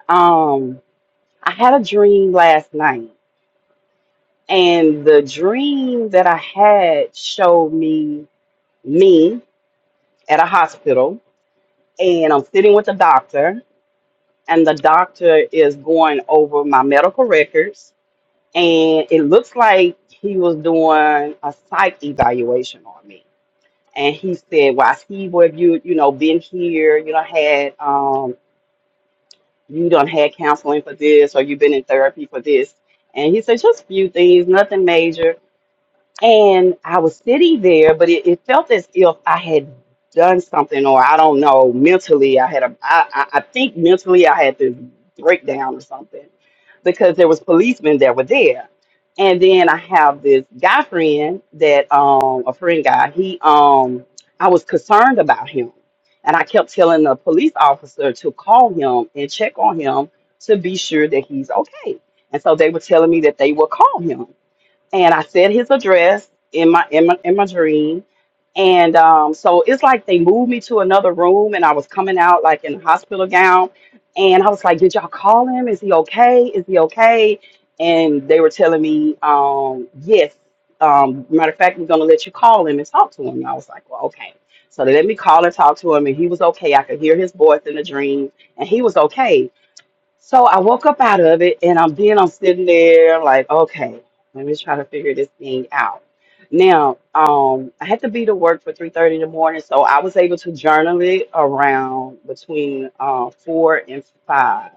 Speaker 4: um, I had a dream last night, and the dream that I had showed me me at a hospital, and I'm sitting with a doctor, and the doctor is going over my medical records and it looks like he was doing a psych evaluation on me and he said well he have you you know been here you know had um you done had counseling for this or you've been in therapy for this and he said just a few things nothing major and I was sitting there, but it, it felt as if I had done something, or I don't know, mentally, I had a, I, I I think mentally I had this breakdown or something because there was policemen that were there. And then I have this guy friend that, um, a friend guy, he, um, I was concerned about him. And I kept telling the police officer to call him and check on him to be sure that he's okay. And so they were telling me that they will call him and I said his address in my in my in my dream. And um, so it's like they moved me to another room, and I was coming out like in a hospital gown, and I was like, "Did y'all call him? Is he okay? Is he okay?" And they were telling me, um, "Yes." Um, matter of fact, we're gonna let you call him and talk to him. And I was like, "Well, okay." So they let me call and talk to him, and he was okay. I could hear his voice in the dream, and he was okay so I woke up out of it, and I'm then I'm sitting there like, okay, let me try to figure this thing out. Now, um, I had to be to work for three thirty in the morning, so I was able to journal it around between uh, four and five.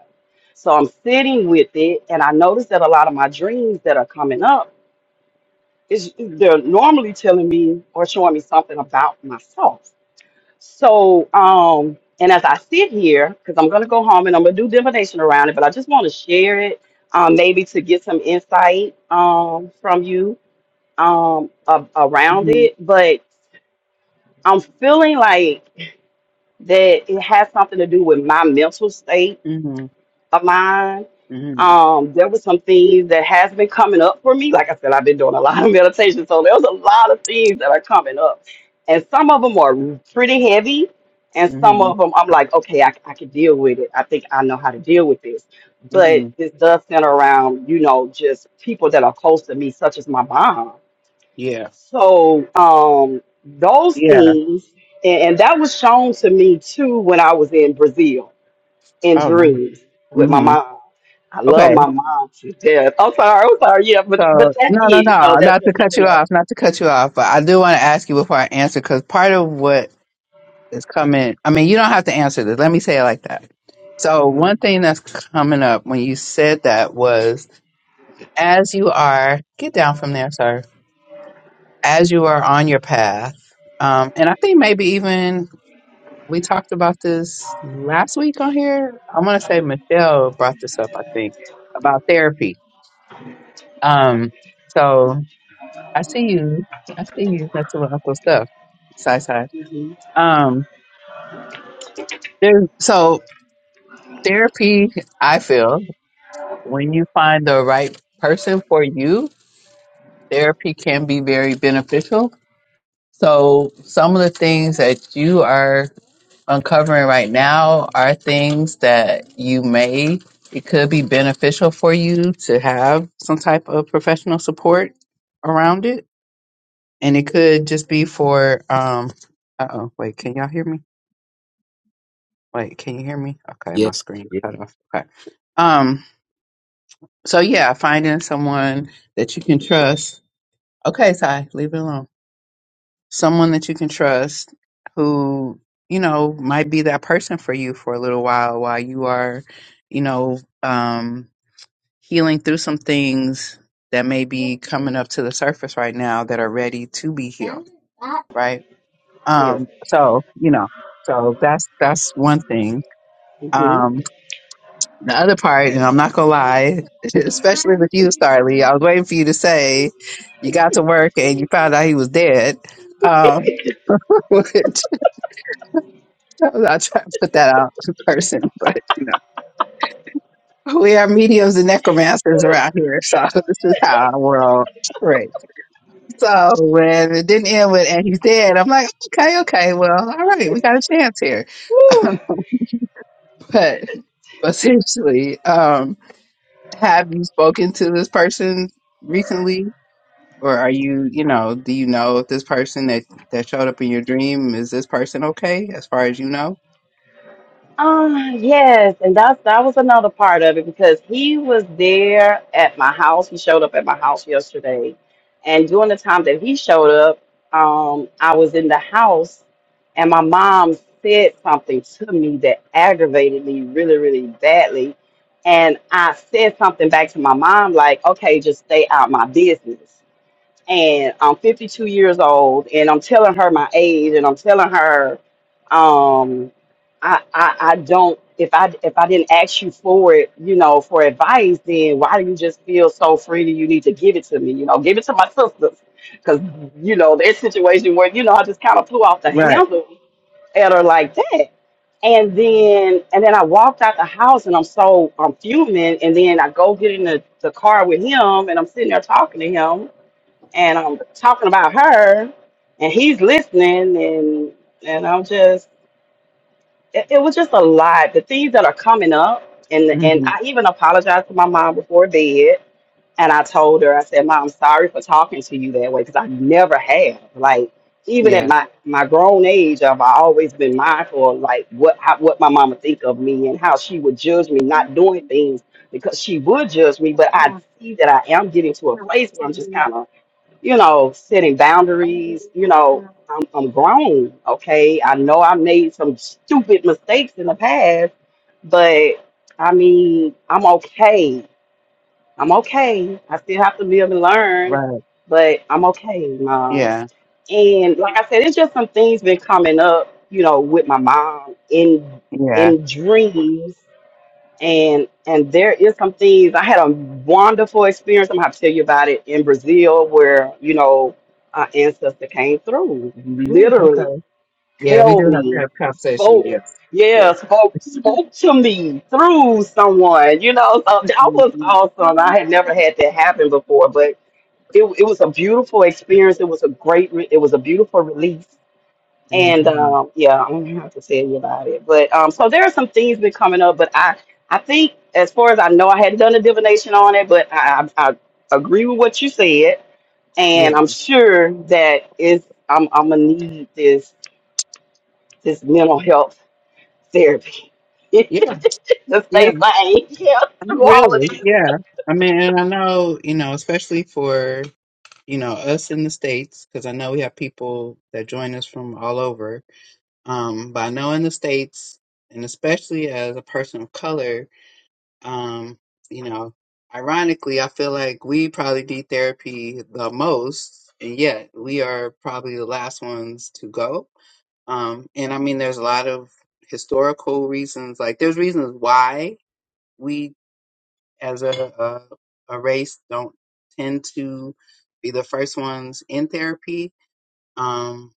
Speaker 4: So I'm sitting with it, and I noticed that a lot of my dreams that are coming up is they're normally telling me or showing me something about myself. So, um, and as I sit here, because I'm gonna go home and I'm gonna do divination around it, but I just want to share it, um, maybe to get some insight um, from you um, a- around
Speaker 1: mhm.
Speaker 4: it. But I'm feeling like that it has something to do with my mental state
Speaker 1: hmm
Speaker 4: of mine.
Speaker 1: hmm
Speaker 4: Um, there were some things that has been coming up for me. Like I said, I've been doing a lot of meditation, so there's a lot of things that are coming up, and some of them are pretty heavy, and some
Speaker 1: hmm
Speaker 4: of them I'm like, okay, I, I can deal with it. I think I know how to deal with this.
Speaker 1: hmm
Speaker 4: But this does center around, you know, just people that are close to me, such as my mom.
Speaker 1: Yeah.
Speaker 4: So um, those
Speaker 1: Yeah.
Speaker 4: things, and, and that was shown to me too when I was in Brazil and
Speaker 1: Oh no.
Speaker 4: dreams with my
Speaker 1: hmm
Speaker 4: mom. I
Speaker 1: Okay.
Speaker 4: love my mom to death. I'm sorry, I'm sorry. Yeah, but
Speaker 1: So
Speaker 4: but that's
Speaker 1: no, no,
Speaker 4: it. So
Speaker 1: no.
Speaker 4: that's
Speaker 1: Not to
Speaker 4: what's
Speaker 1: cut you
Speaker 4: coming
Speaker 1: off.
Speaker 4: up.
Speaker 1: Not to cut you off. But I do want to ask you before I answer because part of what is coming. I mean, you don't have to answer this. Let me say it like that. So
Speaker 4: hmm
Speaker 1: one thing that's coming up when you said that was as you are get down from there, sir. As you are on your path, um, and I think maybe even We talked about this last week on here. I want to say Michelle brought this up, I think, about therapy. Um, so I see you. I see you That's to my uncle's stuff. Side side.
Speaker 4: hmm
Speaker 1: Um, there's so therapy. I feel when you find the right person for you, therapy can be very beneficial. So some of the things that you are uncovering right now are things that you may it could be beneficial for you to have some type of professional support around it and it could just be for um uh-oh wait can y'all hear me wait can you hear me okay my
Speaker 5: Yes.
Speaker 1: screen
Speaker 5: Yes.
Speaker 1: cut off okay um so yeah finding someone that you can trust okay Ty, leave it alone someone that you can trust who you know might be that person for you for a little while while you are you know um healing through some things that may be coming up to the surface right now that are ready to be healed right
Speaker 4: Yes.
Speaker 1: um so you know so that's that's one thing um the other part and i'm not gonna lie especially with you Starly. i was waiting for you to say you got to work and you found out he was dead um I will try to put that out in person, but you know, we are mediums and necromancers around here, so this is how I roll. Right. So when it didn't end with and he's dead, I'm like, okay, okay, well, all right, we got a chance here.
Speaker 4: hmm
Speaker 1: but but seriously, um, have you spoken to this person recently? or are you you know do you know if this person that that showed up in your dream is this person okay as far as you know
Speaker 4: Um, yes, and that's that was another part of it because he was there at my house. He showed up at my house yesterday, and during the time that he showed up, um, I was in the house, and my mom said something to me that aggravated me really, really badly, and I said something back to my mom like, "Okay, just stay out my business." and I'm 52 years old, and I'm telling her my age, and I'm telling her, um, I, I I don't if I if I didn't ask you for it, you know, for advice, then why do you just feel so freely you need to give it to me? You know, give it to my sisters, because you know their situation where you know I just kind of flew off the
Speaker 1: right
Speaker 4: handle at her like that. And then and then I walked out the house and I'm so I'm fuming and then I go get in the, the car with him and I'm sitting there talking to him and I'm talking about her, and he's listening, and and I'm just it, it was just a lot. The things that are coming up, and and
Speaker 1: hmm
Speaker 4: I even apologized to my mom before bed, and I told her I said, "Mom, I'm sorry for talking to you that way because I never have like." Even at
Speaker 1: yeah
Speaker 4: my, my grown age, I've always been mindful of like what how, what my mama think of me and how she would judge me not doing things because she would judge me. But I see that I am getting to a place where I'm just kind of you know, setting boundaries. You know, I'm, I'm grown, okay? I know I made some stupid mistakes in the past, but I mean, I'm okay. I'm okay. I still have to live and learn,
Speaker 1: right
Speaker 4: but I'm okay, mom.
Speaker 1: yeah
Speaker 4: And like I said, it's just some things been coming up, you know, with my mom in
Speaker 1: yeah
Speaker 4: in dreams and and there is some things I had a wonderful experience. I'm gonna have to tell you about it in Brazil, where you know our ancestor came through,
Speaker 1: Ooh,
Speaker 4: literally
Speaker 1: okay yeah we do
Speaker 4: held
Speaker 1: have to
Speaker 4: me,
Speaker 1: have conversation
Speaker 4: spoke,
Speaker 1: yes
Speaker 4: yeah,
Speaker 1: yes
Speaker 4: spoke spoke to me through someone. You know, so that
Speaker 1: hmm
Speaker 4: was awesome. I had never had that happen before, but it it was a beautiful experience. It was a great. Re- it was a beautiful release and
Speaker 1: hmm
Speaker 4: um, yeah, I'm gonna have to tell you about it. But um, so there are some things been coming up, but I I think as far as I know, I had not done a divination on it, but I I, I agree with what you said, and
Speaker 1: yeah
Speaker 4: I'm sure that is I'm I'm gonna need this this mental health therapy
Speaker 1: yeah
Speaker 4: to
Speaker 1: yeah
Speaker 4: stay sane yeah,
Speaker 1: I mean,
Speaker 4: through all of
Speaker 1: really,
Speaker 4: this.
Speaker 1: yeah. I mean, and I know, you know, especially for, you know, us in the States, because I know we have people that join us from all over. Um, but I know in the States, and especially as a person of color, um, you know, ironically, I feel like we probably need therapy the most, and yet we are probably the last ones to go. Um, and I mean, there's a lot of historical reasons, like, there's reasons why. we as a, a a race don't tend to be the first ones in therapy, um,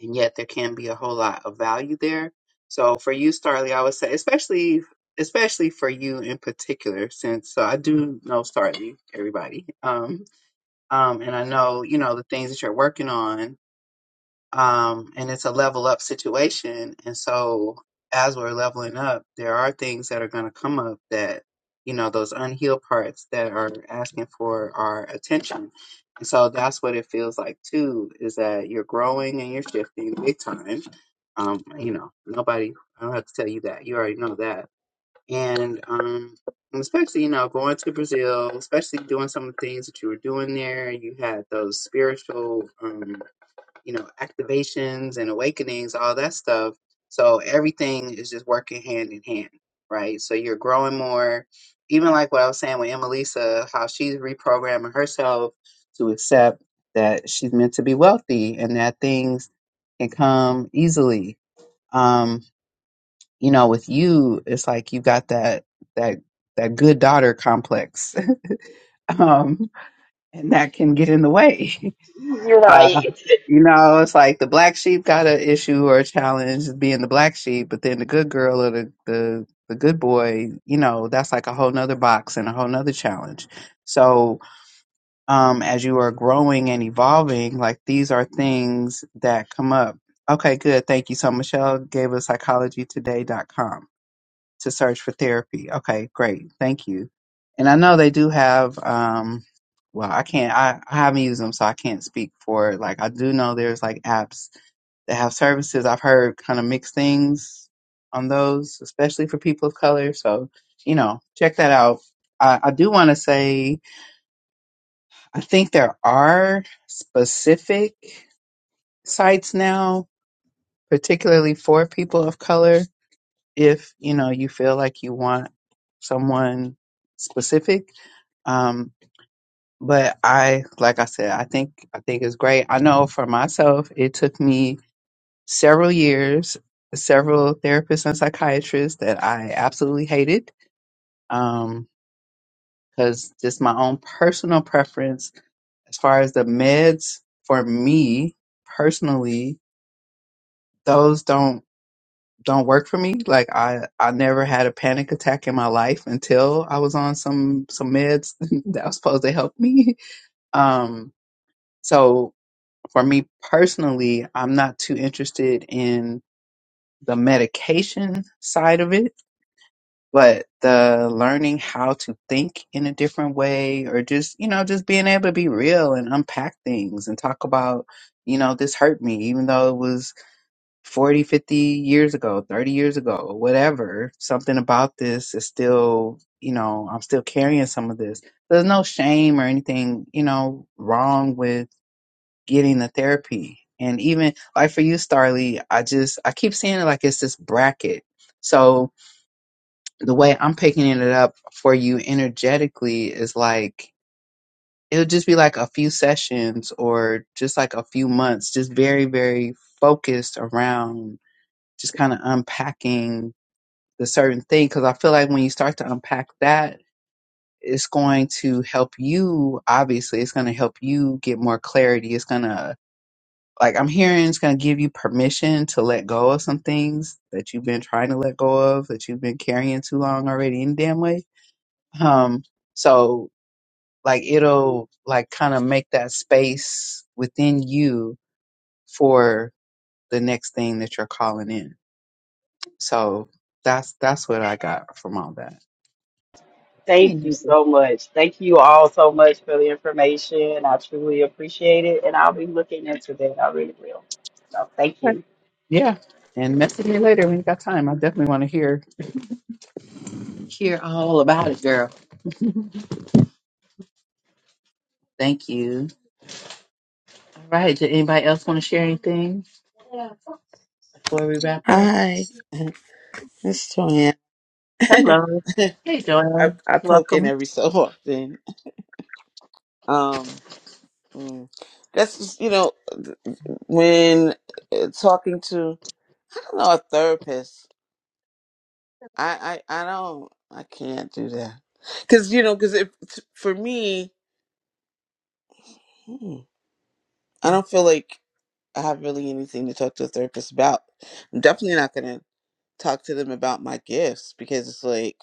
Speaker 1: and yet there can be a whole lot of value there. So for you, Starley, I would say, especially especially for you in particular, since so I do know Starley, everybody, um, um, and I know you know the things that you're working on um, and it's a level up situation. And so, as we're leveling up, there are things that are going to come up that, you know, those unhealed parts that are asking for our attention. And so, that's what it feels like too, is that you're growing and you're shifting big time. Um, you know, nobody, I don't have to tell you that. You already know that. And, um, and especially, you know, going to Brazil, especially doing some of the things that you were doing there, you had those spiritual, um, you know, activations and awakenings, all that stuff. So everything is just working hand in hand, right? So you're growing more. Even like what I was saying with Emelisa, how she's reprogramming herself to accept that she's meant to be wealthy and that things can come easily. Um, you know, with you, it's like you got that that that good daughter complex. um, and that can get in the way.
Speaker 4: You're
Speaker 1: Uh,
Speaker 4: right.
Speaker 1: you know, it's like the black sheep got an issue or a challenge being the black sheep, but then the good girl or the, the, the good boy, you know, that's like a whole nother box and a whole nother challenge. So, um, as you are growing and evolving, like these are things that come up. Okay, good. Thank you. So Michelle gave us psychologytoday.com to search for therapy. Okay, great. Thank you. And I know they do have um well, I can't I, I haven't used them so I can't speak for it. Like I do know there's like apps that have services. I've heard kind of mixed things on those, especially for people of color. So, you know, check that out. I, I do want to say I think there are specific sites now, particularly for people of color if you know you feel like you want someone specific um but i like i said i think i think it's great i know for myself it took me several years several therapists and psychiatrists that i absolutely hated um because just my own personal preference as far as the meds for me personally those don't don't work for me. Like I, I never had a panic attack in my life until I was on some some meds that was supposed to help me. Um, so for me personally, I'm not too interested in the medication side of it, but the learning how to think in a different way, or just you know, just being able to be real and unpack things and talk about, you know, this hurt me, even though it was 40, 50 years ago, 30 years ago, whatever, something about this is still, you know, I'm still carrying some of this. There's no shame or anything, you know, wrong with getting the therapy. And even like for you, Starly, I just, I keep seeing it like it's this bracket. So the way I'm picking it up for you energetically is like, it'll just be like a few sessions or just like a few months, just very, very focused around just kind of unpacking the certain thing because I feel like when you start to unpack that, it's going to help you. Obviously, it's going to help you get more clarity. It's going to, like, I'm hearing it's going to give you permission to let go of some things that you've been trying to let go of, that you've been carrying too long already, any damn way. Um, so, like, it'll, like, kind of make that space within you for the next thing that you're calling in. So, that's that's what I got from all that. Hey,
Speaker 4: Thank you
Speaker 1: neighbor.
Speaker 4: so much. Thank you all so much for the information. I truly appreciate it. And I'll be looking into that. I really will. So thank
Speaker 1: Okay.
Speaker 4: you.
Speaker 1: Yeah. And message me later when you got time. I definitely want to hear hear all about it, girl. Thank you. All right. Did anybody else want to share anything before we wrap up?
Speaker 6: Hi, this is Joanne.
Speaker 1: Hello.
Speaker 6: I,
Speaker 1: Hey, Joanne.
Speaker 6: I poke in
Speaker 1: Welcome.
Speaker 6: every so often. Um, mm, that's just, you know, when uh, talking to I don't know, a therapist, I, I, I don't, I can't do that. Cause, you know, cause if, for me, hmm, I don't feel like I have really anything to talk to a therapist about. I'm definitely not going to talk to them about my gifts because it's like,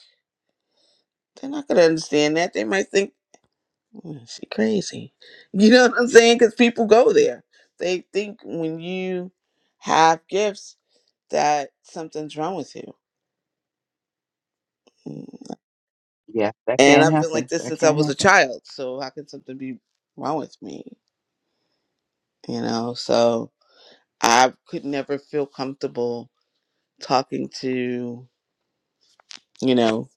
Speaker 6: they're not going to understand that. They might think Mm, She crazy. You know what I'm saying? Because people go there. They think when you have gifts that something's wrong with you. Mm.
Speaker 1: Yeah, that
Speaker 6: And
Speaker 1: can
Speaker 6: I've been like
Speaker 1: happen.
Speaker 6: this
Speaker 1: That
Speaker 6: since I
Speaker 1: can
Speaker 6: was a
Speaker 1: happen.
Speaker 6: child. So how can something be wrong with me? You know, so I could never feel comfortable talking to, you know,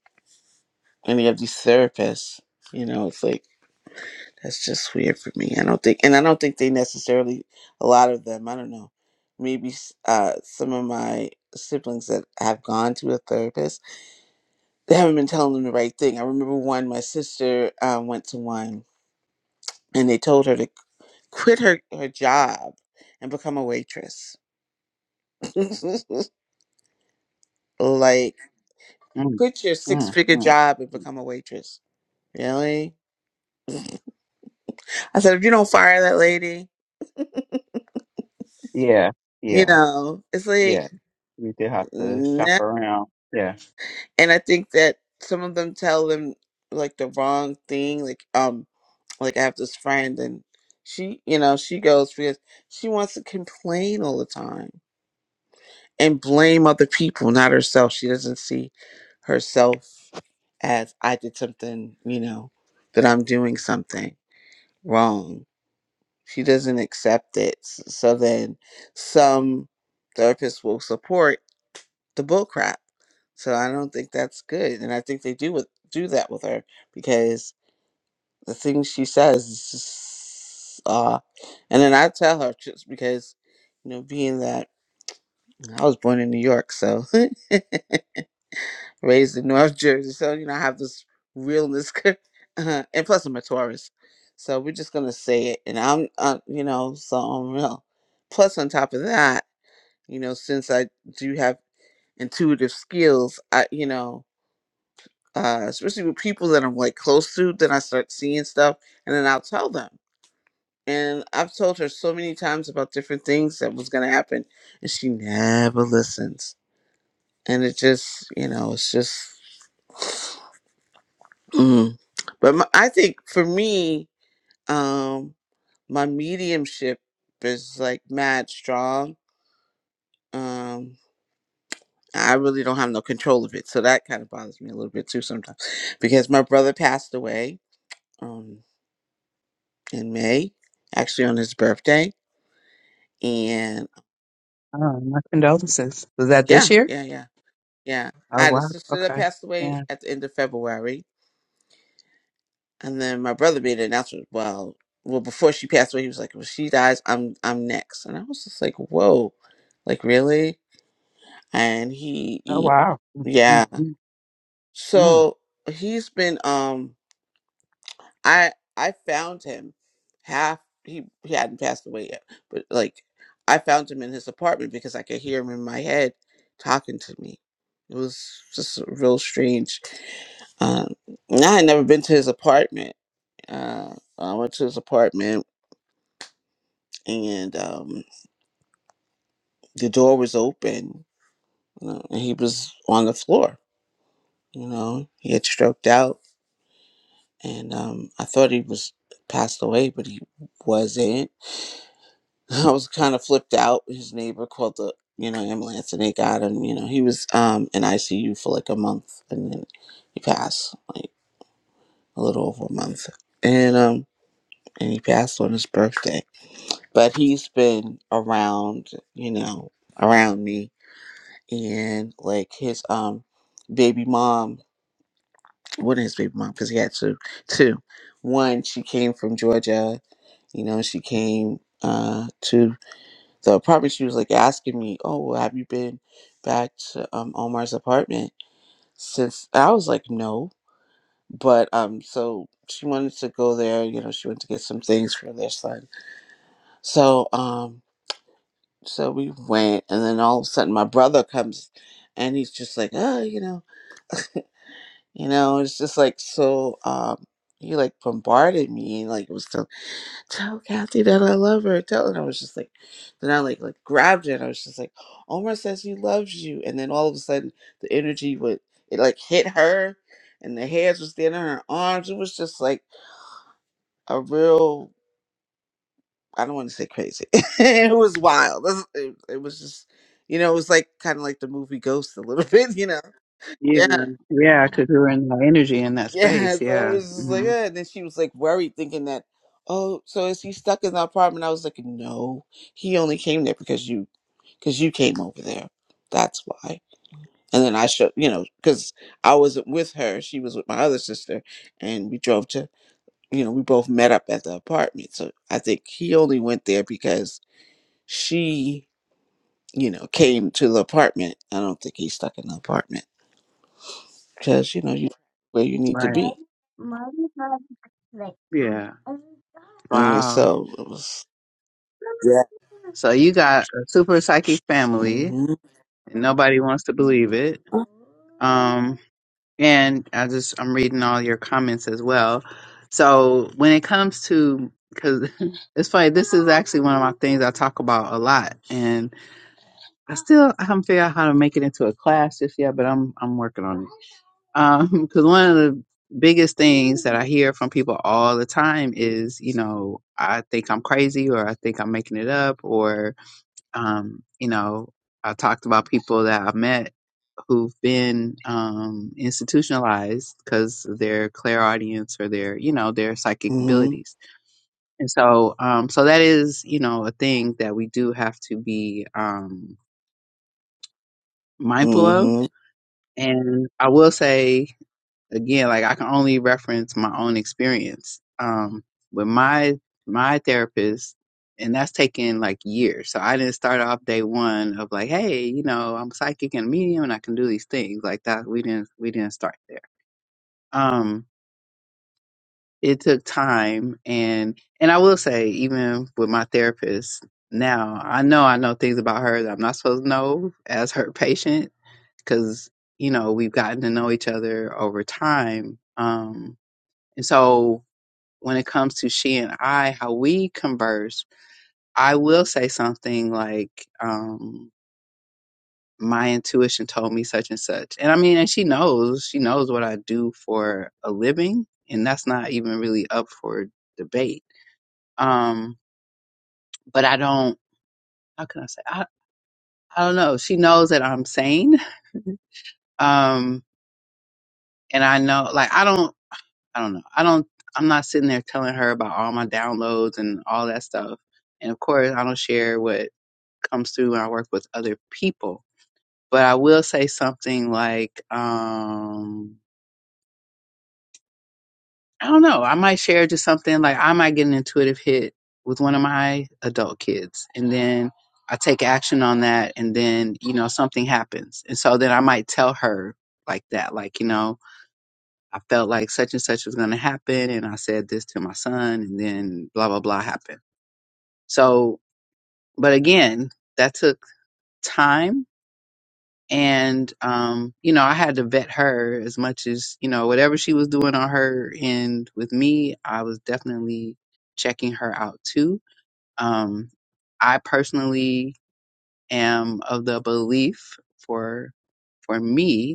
Speaker 6: any of these therapists. You know, it's like That's just weird for me. I don't think, and I don't think they necessarily, a lot of them, I don't know, maybe s- uh, some of my siblings that have gone to a therapist, they haven't been telling them the right thing. I remember one, my sister um, went to one and they told her to quit her, her job and become a waitress. like,
Speaker 1: Mm,
Speaker 6: quit your six
Speaker 1: mm,
Speaker 6: figure
Speaker 1: mm.
Speaker 6: job and become a waitress. Really? I said, if you don't fire that lady,
Speaker 1: Yeah,
Speaker 6: you
Speaker 1: yeah,
Speaker 6: know, it's like,
Speaker 1: yeah. We do have to
Speaker 6: no.
Speaker 1: shop around. Yeah.
Speaker 6: and I think that some of them tell them like the wrong thing. Like um, like I have this friend, and she, you know, she goes because she wants to complain all the time and blame other people, not herself. She doesn't see herself as I did something, you know, that I'm doing something wrong. She doesn't accept it. S- So then some therapists will support the bull crap. So I don't think that's good, and I think they do with do that with her because the things she says is just, uh, and then I tell her just because you know being that I was born in New York, so raised in North Jersey, so you know I have this realness, uh, and plus I'm a Taurus, so we're just gonna say it, and I'm uh, you know so unreal. Plus on top of that, you know since I do have intuitive skills, I you know. uh, especially with people that I'm like close to, then I start seeing stuff and then I'll tell them. And I've told her so many times about different things that was going to happen, and she never listens. And it just, you know, it's just. Mm. But my, I think for me, um, my mediumship is like mad strong. Um, I really don't have no control of it. So that kind of bothers me a little bit too sometimes because my brother passed away. Um, in May, actually on his birthday. And
Speaker 1: Oh, my condolences. Was that this
Speaker 6: yeah,
Speaker 1: year?
Speaker 6: yeah, yeah, yeah. I
Speaker 1: Oh,
Speaker 6: had a
Speaker 1: wow.
Speaker 6: sister that
Speaker 1: Okay.
Speaker 6: passed away
Speaker 1: Yeah.
Speaker 6: at the end of February, and then my brother made an announcement. Well, well, before she passed away, he was like, "Well, she dies, I'm, I'm next," and I was just like, "Whoa, like really?" And he,
Speaker 1: Oh,
Speaker 6: he
Speaker 1: wow. Mm, mm,
Speaker 6: yeah.
Speaker 1: mm, mm.
Speaker 6: So he's been, um, I I found him half he he hadn't passed away yet, but like I found him in his apartment because I could hear him in my head talking to me. It was just real strange. Um, and I had never been to his apartment. Uh, I went to his apartment and um, the door was open you know, and he was on the floor. You know, he had stroked out and um, I thought he was passed away, but he wasn't I was kind of flipped out. His neighbor called the you know ambulance and they got him. You know he was um in ICU for like a month and then he passed like a little over a month and um and he passed on his birthday. But he's been around you know around me and like his um baby mom What is his baby mom because he had two two one she came from Georgia you know she came uh to So apartment, she was like asking me, "Oh, well, have you been back to um, Omar's apartment since?" I was like, "No," but um, so she wanted to go there. You know, she went to get some things for their son. So um, so we went, and then all of a sudden, my brother comes, and he's just like, "Oh, you know, you know," it's just like so. Um, he like bombarded me, like it was. so tell Kathy that I love her. Tell and I was just like, then I like like grabbed it. I was just like, Omar says he loves you, and then all of a sudden the energy would it like hit her, and the hairs was standing on her arms. It was just like a real I don't want to say crazy. it was wild. It, was- it was just you know it was like kind of like the movie Ghost a little bit. You know,
Speaker 1: Yeah,
Speaker 6: yeah,
Speaker 1: yeah, because we were in that energy in that
Speaker 6: Yeah,
Speaker 1: space.
Speaker 6: so it
Speaker 1: Yeah,
Speaker 6: was just like,
Speaker 1: hmm
Speaker 6: eh. and then she was like worried, thinking that, oh, so is he stuck in the apartment? I was like, no, he only came there because you, because you came over there. That's why. And then I showed, you know, because I wasn't with her; she was with my other sister, and we drove to, you know, we both met up at the apartment. So I think he only went there because she, you know, came to the apartment. I don't think he's stuck in the apartment because you know you where you need to
Speaker 1: right.
Speaker 6: be.
Speaker 1: Yeah,
Speaker 6: And
Speaker 1: wow.
Speaker 6: so it was.
Speaker 1: So you got a super psychic family,
Speaker 6: Mhm.
Speaker 1: and nobody wants to believe it. Um, and I just I'm reading all your comments as well. So when it comes to because it's funny, this is actually one of my things I talk about a lot, I still haven't figured out how to make it into a class just yet, but I'm I'm working on it. Um, 'cause because one of the biggest things that I hear from people all the time is, you know, I think I'm crazy or I think I'm making it up or um, you know, I talked about people that I've met who've been um institutionalized because of their clairaudience or their, you know, their psychic
Speaker 6: Mhm.
Speaker 1: abilities. And so um so that is, you know, a thing that we do have to be um mindful of
Speaker 6: Mhm.
Speaker 1: And I will say again, like I can only reference my own experience. Um, with my my therapist, and that's taken like years. So I didn't start off day one of like, hey, you know, I'm psychic and medium and I can do these things. Like that we didn't we didn't start there. Um, it took time and and I will say, even with my therapist now, I know I know things about her that I'm not supposed to know as her patient because you know we've gotten to know each other over time um and so when it comes to she and i how we converse i will say something like um my intuition told me such and such and i mean and she knows she knows what i do for a living and that's not even really up for debate um but i don't how can i say i, I don't know she knows that i'm sane um and i know like i don't I don't know. I don't. I'm not sitting there telling her about all my downloads and all that stuff. And of course, I don't share what comes through when I work with other people. But I will say something like, um, I don't know. I might share just something like I might get an intuitive hit with one of my adult kids, and then I take action on that, and then you know something happens, and so then I might tell her like that, like you know. I felt like such and such was going to happen. And I said this to my son, and then blah, blah, blah happened. So, but again, that took time. And, um, you know, I had to vet her as much as, you know, whatever she was doing on her end with me, I was definitely checking her out too. Um, I personally am of the belief for, for me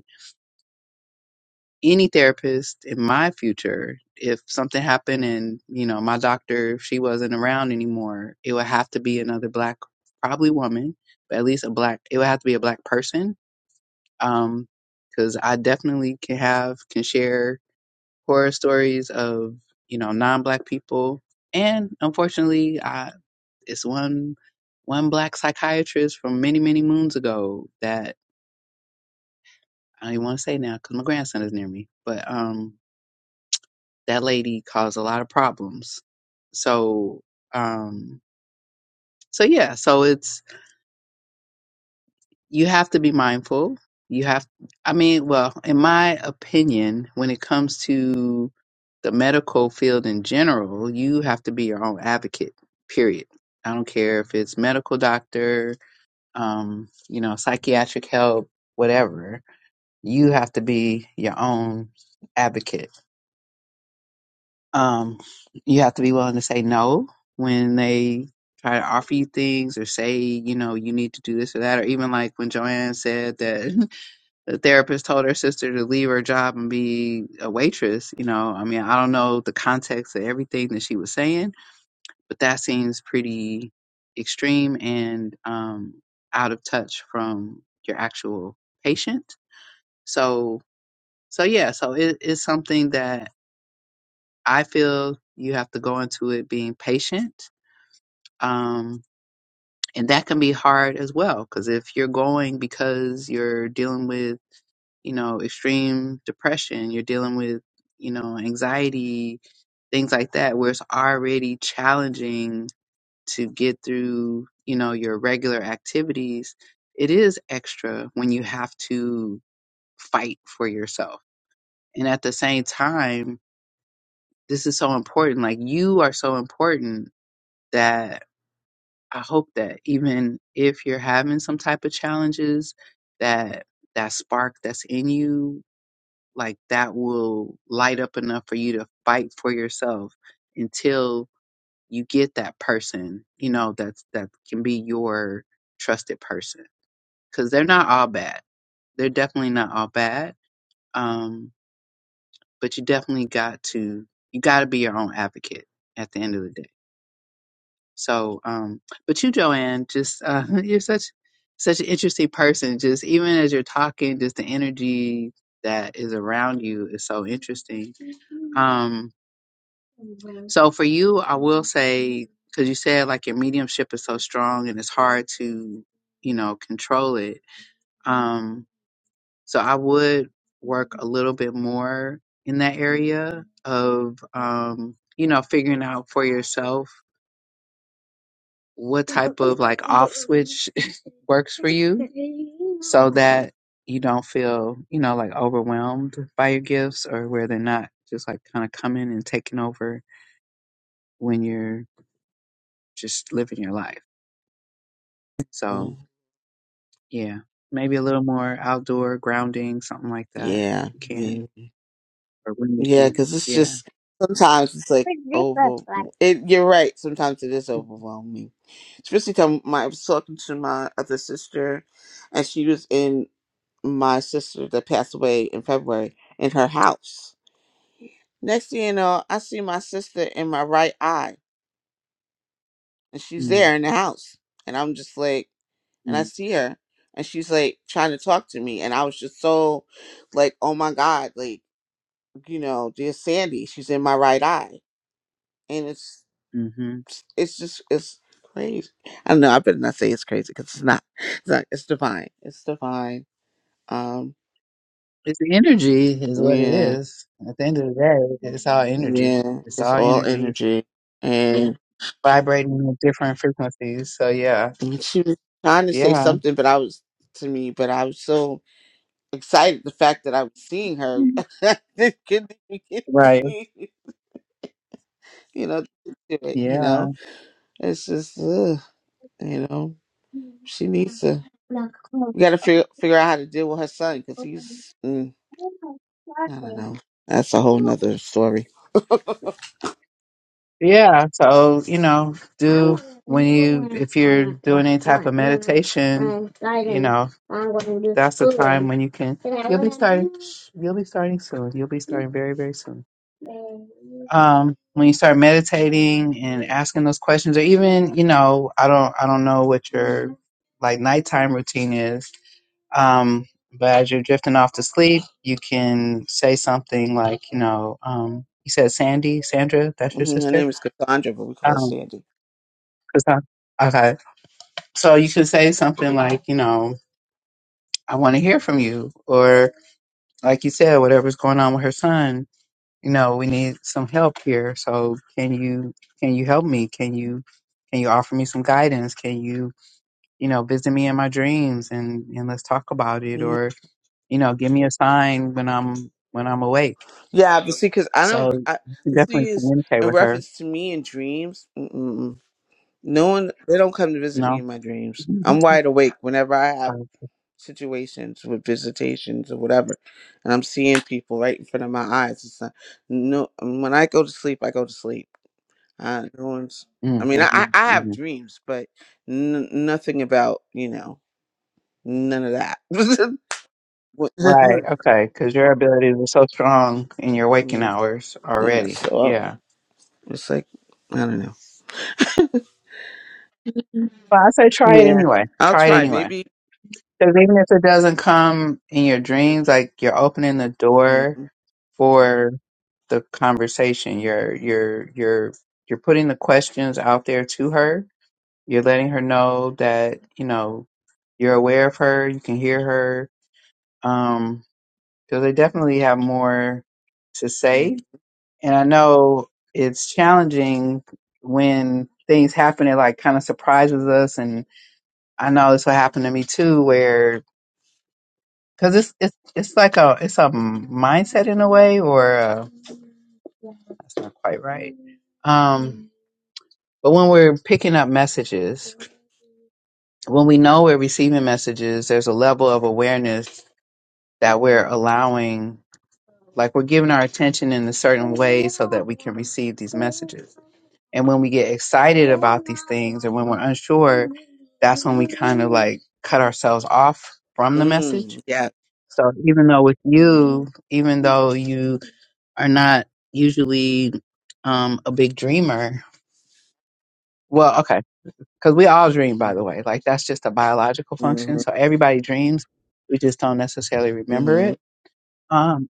Speaker 1: any therapist in my future, if something happened and, you know, my doctor, if she wasn't around anymore, it would have to be another black, probably woman, but at least a black, it would have to be a black person. Um, 'cause cause I definitely can have, can share horror stories of, you know, non-black people. And unfortunately, I, it's one, one black psychiatrist from many, many moons ago that I don't even want to say now cause my grandson is near me, but, um, that lady caused a lot of problems. So, um, so yeah, so it's you have to be mindful. You have, I mean, well, in my opinion, when it comes to the medical field in general, you have to be your own advocate. Period. I don't care if it's medical doctor, um, you know, psychiatric help, whatever. You have to be your own advocate Um, you have to be willing to say no when they try to offer you things or say, you know, you need to do this or that. Or even like when Joanne said that the therapist told her sister to leave her job and be a waitress, you know, I mean, I don't know the context of everything that she was saying, but that seems pretty extreme and um, out of touch from your actual patient. So, so yeah, so it is something that I feel you have to go into it being patient. Um, and that can be hard as well, because if you're going because you're dealing with, you know, extreme depression, you're dealing with, you know, anxiety, things like that, where it's already challenging to get through, you know, your regular activities, it is extra when you have to fight for yourself. And at the same time, this is so important. Like you are so important that I hope that even if you're having some type of challenges, that that spark that's in you, like that will light up enough for you to fight for yourself until you get that person, you know, that's that can be your trusted person. Cause they're not all bad. They're definitely not all bad. Um, but you definitely got to you gotta be your own advocate at the end of the day. So, um, but you, Joanne, just uh, you're such such an interesting person. Just even as you're talking, just the energy that is around you is so interesting. Um, so for you, I will say because you said like your mediumship is so strong and it's hard to, you know, control it. Um, so I would work a little bit more in that area of, um, you know, figuring out for yourself what type of like off switch works for you so that you don't feel, you know, like overwhelmed by your gifts or where they're not just like kind of coming and taking over when you're just living your life. So,
Speaker 6: mhm.
Speaker 1: yeah, maybe a little more outdoor grounding, something like that, if
Speaker 6: Yeah.
Speaker 1: you can
Speaker 6: Maybe.
Speaker 1: or when you
Speaker 6: Yeah,
Speaker 1: can.
Speaker 6: because it's
Speaker 1: Yeah.
Speaker 6: just sometimes it's like over. It, you're right. Sometimes it is overwhelming, especially come. My, I was talking to my other sister, and she was in my sister that passed away in February in her house. Next thing you know, I see my sister in my right eye, and she's
Speaker 1: mm
Speaker 6: there in the house, and I'm just like. and I
Speaker 1: mm
Speaker 6: see her and she's like trying to talk to me and I was just so like, oh my God, like, you know, dear Sandy, she's in my right eye. And it's
Speaker 1: Mm-hmm.
Speaker 6: it's just it's crazy. I don't know, I better not say it's crazy because it's not. It's not it's divine. It's divine. Um
Speaker 1: It's energy, is what it
Speaker 6: yeah.
Speaker 1: is. At the end of the day, it's all energy.
Speaker 6: Yeah.
Speaker 1: It's
Speaker 6: It's
Speaker 1: all
Speaker 6: all
Speaker 1: energy.
Speaker 6: energy. And
Speaker 1: vibrating at different frequencies. So yeah,
Speaker 6: and she was trying to say
Speaker 1: yeah,
Speaker 6: something but I was to me, but I was so excited the fact that I was seeing her. It couldn't even get to
Speaker 1: right,
Speaker 6: me. you know, do it, you
Speaker 1: yeah,
Speaker 6: know. It's just, ugh, you know, she needs to. We got to figure figure out how to deal with her son because he's, mm, I don't know. That's a whole nother story.
Speaker 1: yeah. So you know, do when you if you're doing any type of meditation, you know, that's the time when you can. You'll be starting. You'll be starting soon. You'll be starting very very soon. Um, when you start meditating and asking those questions, or even you know, I don't I don't know what your like nighttime routine is Um, but as you're drifting off to sleep, you can say something like, you know, um, you said Sandy, Sandra, that's your
Speaker 6: Mhm, Her
Speaker 1: sister?
Speaker 6: name is Cassandra, but we call her
Speaker 1: Um,
Speaker 6: Sandy.
Speaker 1: 'cause I- okay. So you can say something like, you know, I want to hear from you. Or like you said, whatever's going on with her son, you know, we need some help here. So can you, can you help me? Can you, can you offer me some guidance? Can you, you know, visit me in my dreams and, and let's talk about it? Or, you know, give me a sign when I'm, when I'm awake
Speaker 6: Yeah, but see, because I
Speaker 1: So
Speaker 6: don't. I,
Speaker 1: you
Speaker 6: the thing
Speaker 1: definitely
Speaker 6: is,
Speaker 1: communicate
Speaker 6: in
Speaker 1: with her.
Speaker 6: reference to me and dreams, mm-mm, no one they don't come to visit me
Speaker 1: No.
Speaker 6: in my dreams.
Speaker 1: Mhm.
Speaker 6: I'm wide awake whenever I have situations with visitations or whatever, and I'm seeing people right in front of my eyes. It's not, no, when I go to sleep, I go to sleep. Uh, no one's. I mean, I
Speaker 1: Mm-hmm.
Speaker 6: I I have
Speaker 1: hmm
Speaker 6: dreams, but n- nothing about you know none of that. What- yeah,
Speaker 1: Right. Okay. Because your abilities are so strong in your waking hours
Speaker 6: yeah,
Speaker 1: already.
Speaker 6: so I'm,
Speaker 1: Yeah.
Speaker 6: it's like I don't know.
Speaker 1: But I say try it
Speaker 6: Yeah,
Speaker 1: anyway.
Speaker 6: I'll
Speaker 1: Try it
Speaker 6: try.
Speaker 1: anyway.
Speaker 6: Maybe.
Speaker 1: Because even if it doesn't come in your dreams, like you're opening the
Speaker 6: Mm-hmm.
Speaker 1: door for the conversation. You're you're you're you're putting the questions out there to her. You're letting her know that you know you're aware of her. You can hear her. Um, because they definitely have more to
Speaker 6: Mm-hmm.
Speaker 1: say. And I know it's challenging when things happen. It like kind of surprises us, and I know this will happen to me too, where because it's it's it's like a it's a mindset in a way, or uh that's not quite right. Um, but when we're picking up messages, when we know we're receiving messages, there's a level of awareness that we're allowing Like we're giving our attention in a certain way so that we can receive these messages. And when we get excited about these things and when we're unsure, that's when we kind of like cut ourselves off from the message.
Speaker 6: mm, Yeah.
Speaker 1: So even though with you, even though you are not usually um, a big dreamer. Well, okay, because we all dream, by the way. Like that's just a biological
Speaker 6: Mm-hmm.
Speaker 1: function. So everybody dreams. We just don't necessarily remember
Speaker 6: Mm-hmm.
Speaker 1: it. Um,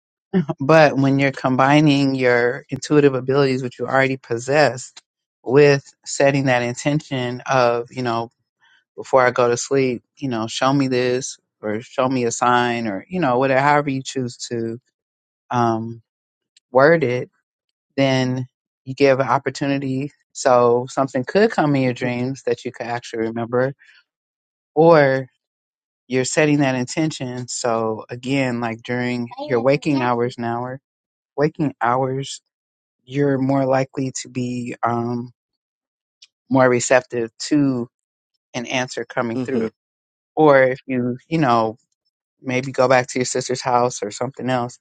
Speaker 1: but when you're combining your intuitive abilities, which you already possessed, with setting that intention of, you know, before I go to sleep, you know, show me this or show me a sign or, you know, whatever, however you choose to um, word it, then you give an opportunity. So something could come in your dreams that you could actually remember, or you're setting that intention. So again, like during your waking hours now, or waking hours you're more likely to be um, more receptive to an answer coming
Speaker 6: Mm-hmm.
Speaker 1: through. Or if you, you know, maybe go back to your sister's house or something else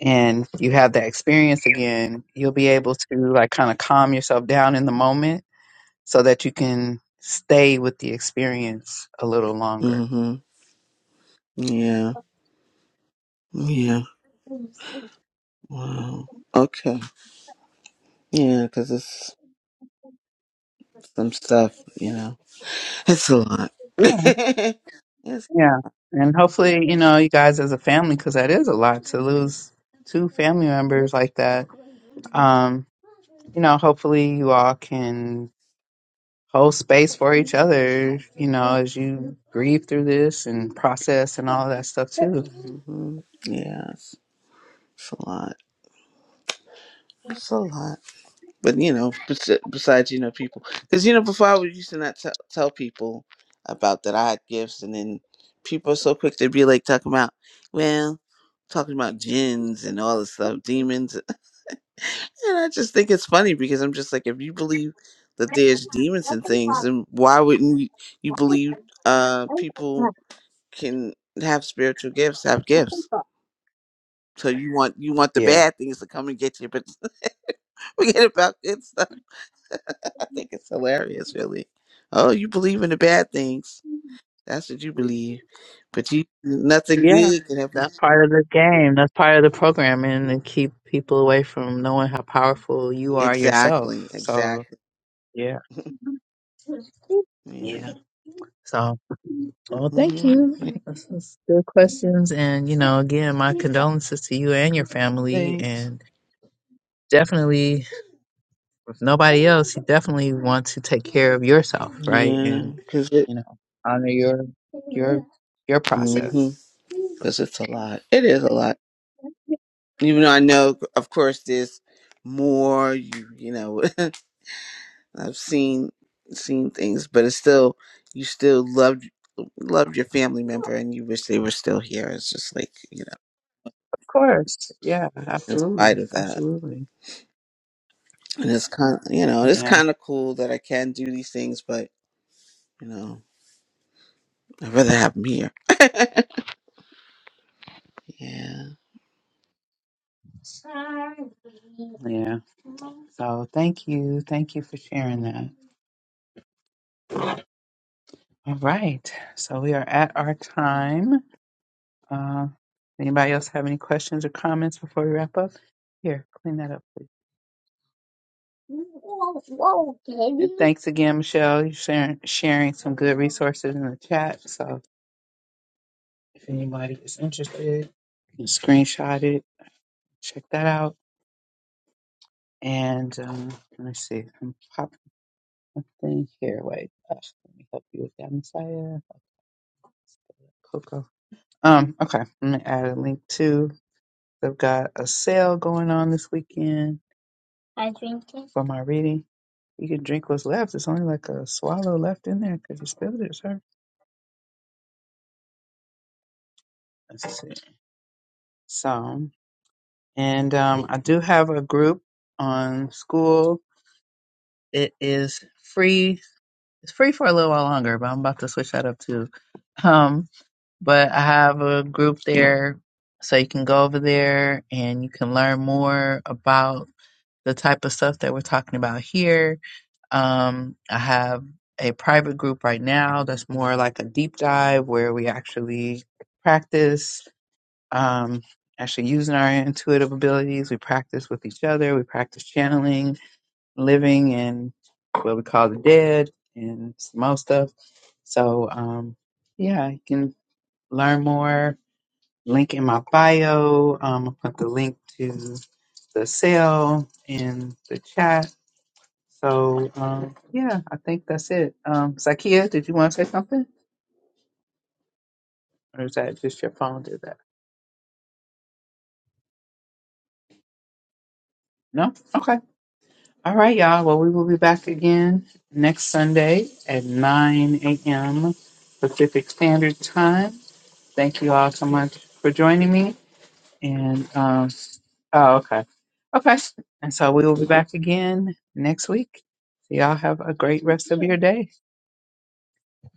Speaker 1: and you have that experience again, you'll be able to like kind of calm yourself down in the moment so that you can stay with the experience a little longer.
Speaker 6: Mm-hmm. Yeah. Yeah. Wow. Okay. Yeah, because it's some stuff. You know, it's a lot.
Speaker 1: Yeah.
Speaker 6: it's.
Speaker 1: yeah. And hopefully, you know, you guys as a family, because that is a lot to lose two family members like that. Um, you know, hopefully you all can hold space for each other, you know, as you grieve through this and process and all that stuff too.
Speaker 6: Mm-hmm. Yes. It's it's a lot. It's a lot. but you know, bes- besides you know people, because you know before I was used to not tell tell people about that I had gifts, and then people are so quick to be like talking about, well, talking about gins and all this stuff, demons, and I just think it's funny because I'm just like, if you believe that there's demons and things, then why wouldn't you, you believe uh people can have spiritual gifts, have gifts? So you want you want the bad things to come and get you, but forget about good stuff. think it's hilarious, really. Oh, you believe in the bad things. That's what you believe. But you nothing
Speaker 1: Yeah,
Speaker 6: good can happen.
Speaker 1: that's part of the game. That's part of the programming to keep people away from knowing how powerful you are
Speaker 6: Exactly,
Speaker 1: yourself. So
Speaker 6: exactly.
Speaker 1: yeah,
Speaker 6: yeah.
Speaker 1: yeah. So well, thank
Speaker 6: hmm
Speaker 1: you. This is good questions, and you know, again, my condolences to you and your family,
Speaker 6: Thanks.
Speaker 1: and definitely. If nobody else, you definitely want to take care of yourself, right?
Speaker 6: Yeah,
Speaker 1: And
Speaker 6: because it,
Speaker 1: you know, honor your your your process.
Speaker 6: mm cause it's a lot. It is a lot. Even though I know, of course, there's more. You, you know, I've seen seen things, but it's still you still loved loved your family member, and you wish they were still here. It's just like you know.
Speaker 1: Of course. Yeah,
Speaker 6: in
Speaker 1: absolutely.
Speaker 6: spite of that.
Speaker 1: Absolutely.
Speaker 6: And it's kind, you know, it's
Speaker 1: Yeah,
Speaker 6: kind of cool that I can do these things, but you know, I'd rather have them here. Yeah.
Speaker 1: yeah. So thank you. Thank you for sharing that. All right. So we are at our time. Uh, anybody else have any questions or comments before we wrap up? Here, clean that up, please. Whoa, whoa, baby. And thanks again, Michelle. You're sharing, sharing some good resources in the chat. So If anybody is interested, you can screenshot it, check that out. And um, let me see, I'm popping something here. Wait, uh, let me help you with that, Messiah. Coco. Um, okay, I'm gonna add a link too. They've got a sale going on this weekend for my reading. You can drink what's left. It's only like a swallow left in there because you spilled it, sir. Let's see. So, and um, I do have a group on school. It is free it's free for a little while longer, but I'm about to switch that up too. Um, but I have a group there, so you can go over there and you can learn more about the type of stuff that we're talking about here. Um, I have a private group right now that's more like a deep dive where we actually practice um, actually using our intuitive abilities. We practice with each other. We practice channeling living and what we call the dead and some more stuff. So, um, yeah, you can learn more. Link in my bio. Um, I'll put the link to the cell in the chat. So, um, yeah, I think that's it. Um, Zakia, did you want to say something? Or is that just your phone did that? No? Okay. All right, y'all. Well, we will be back again next Sunday at 9 a.m. Pacific Standard Time. Thank you all so much for joining me. And um, oh, okay, okay. And so we will be back again next week. So y'all have a great rest of your day.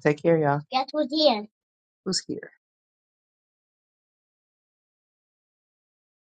Speaker 1: Take care, y'all. Who's here?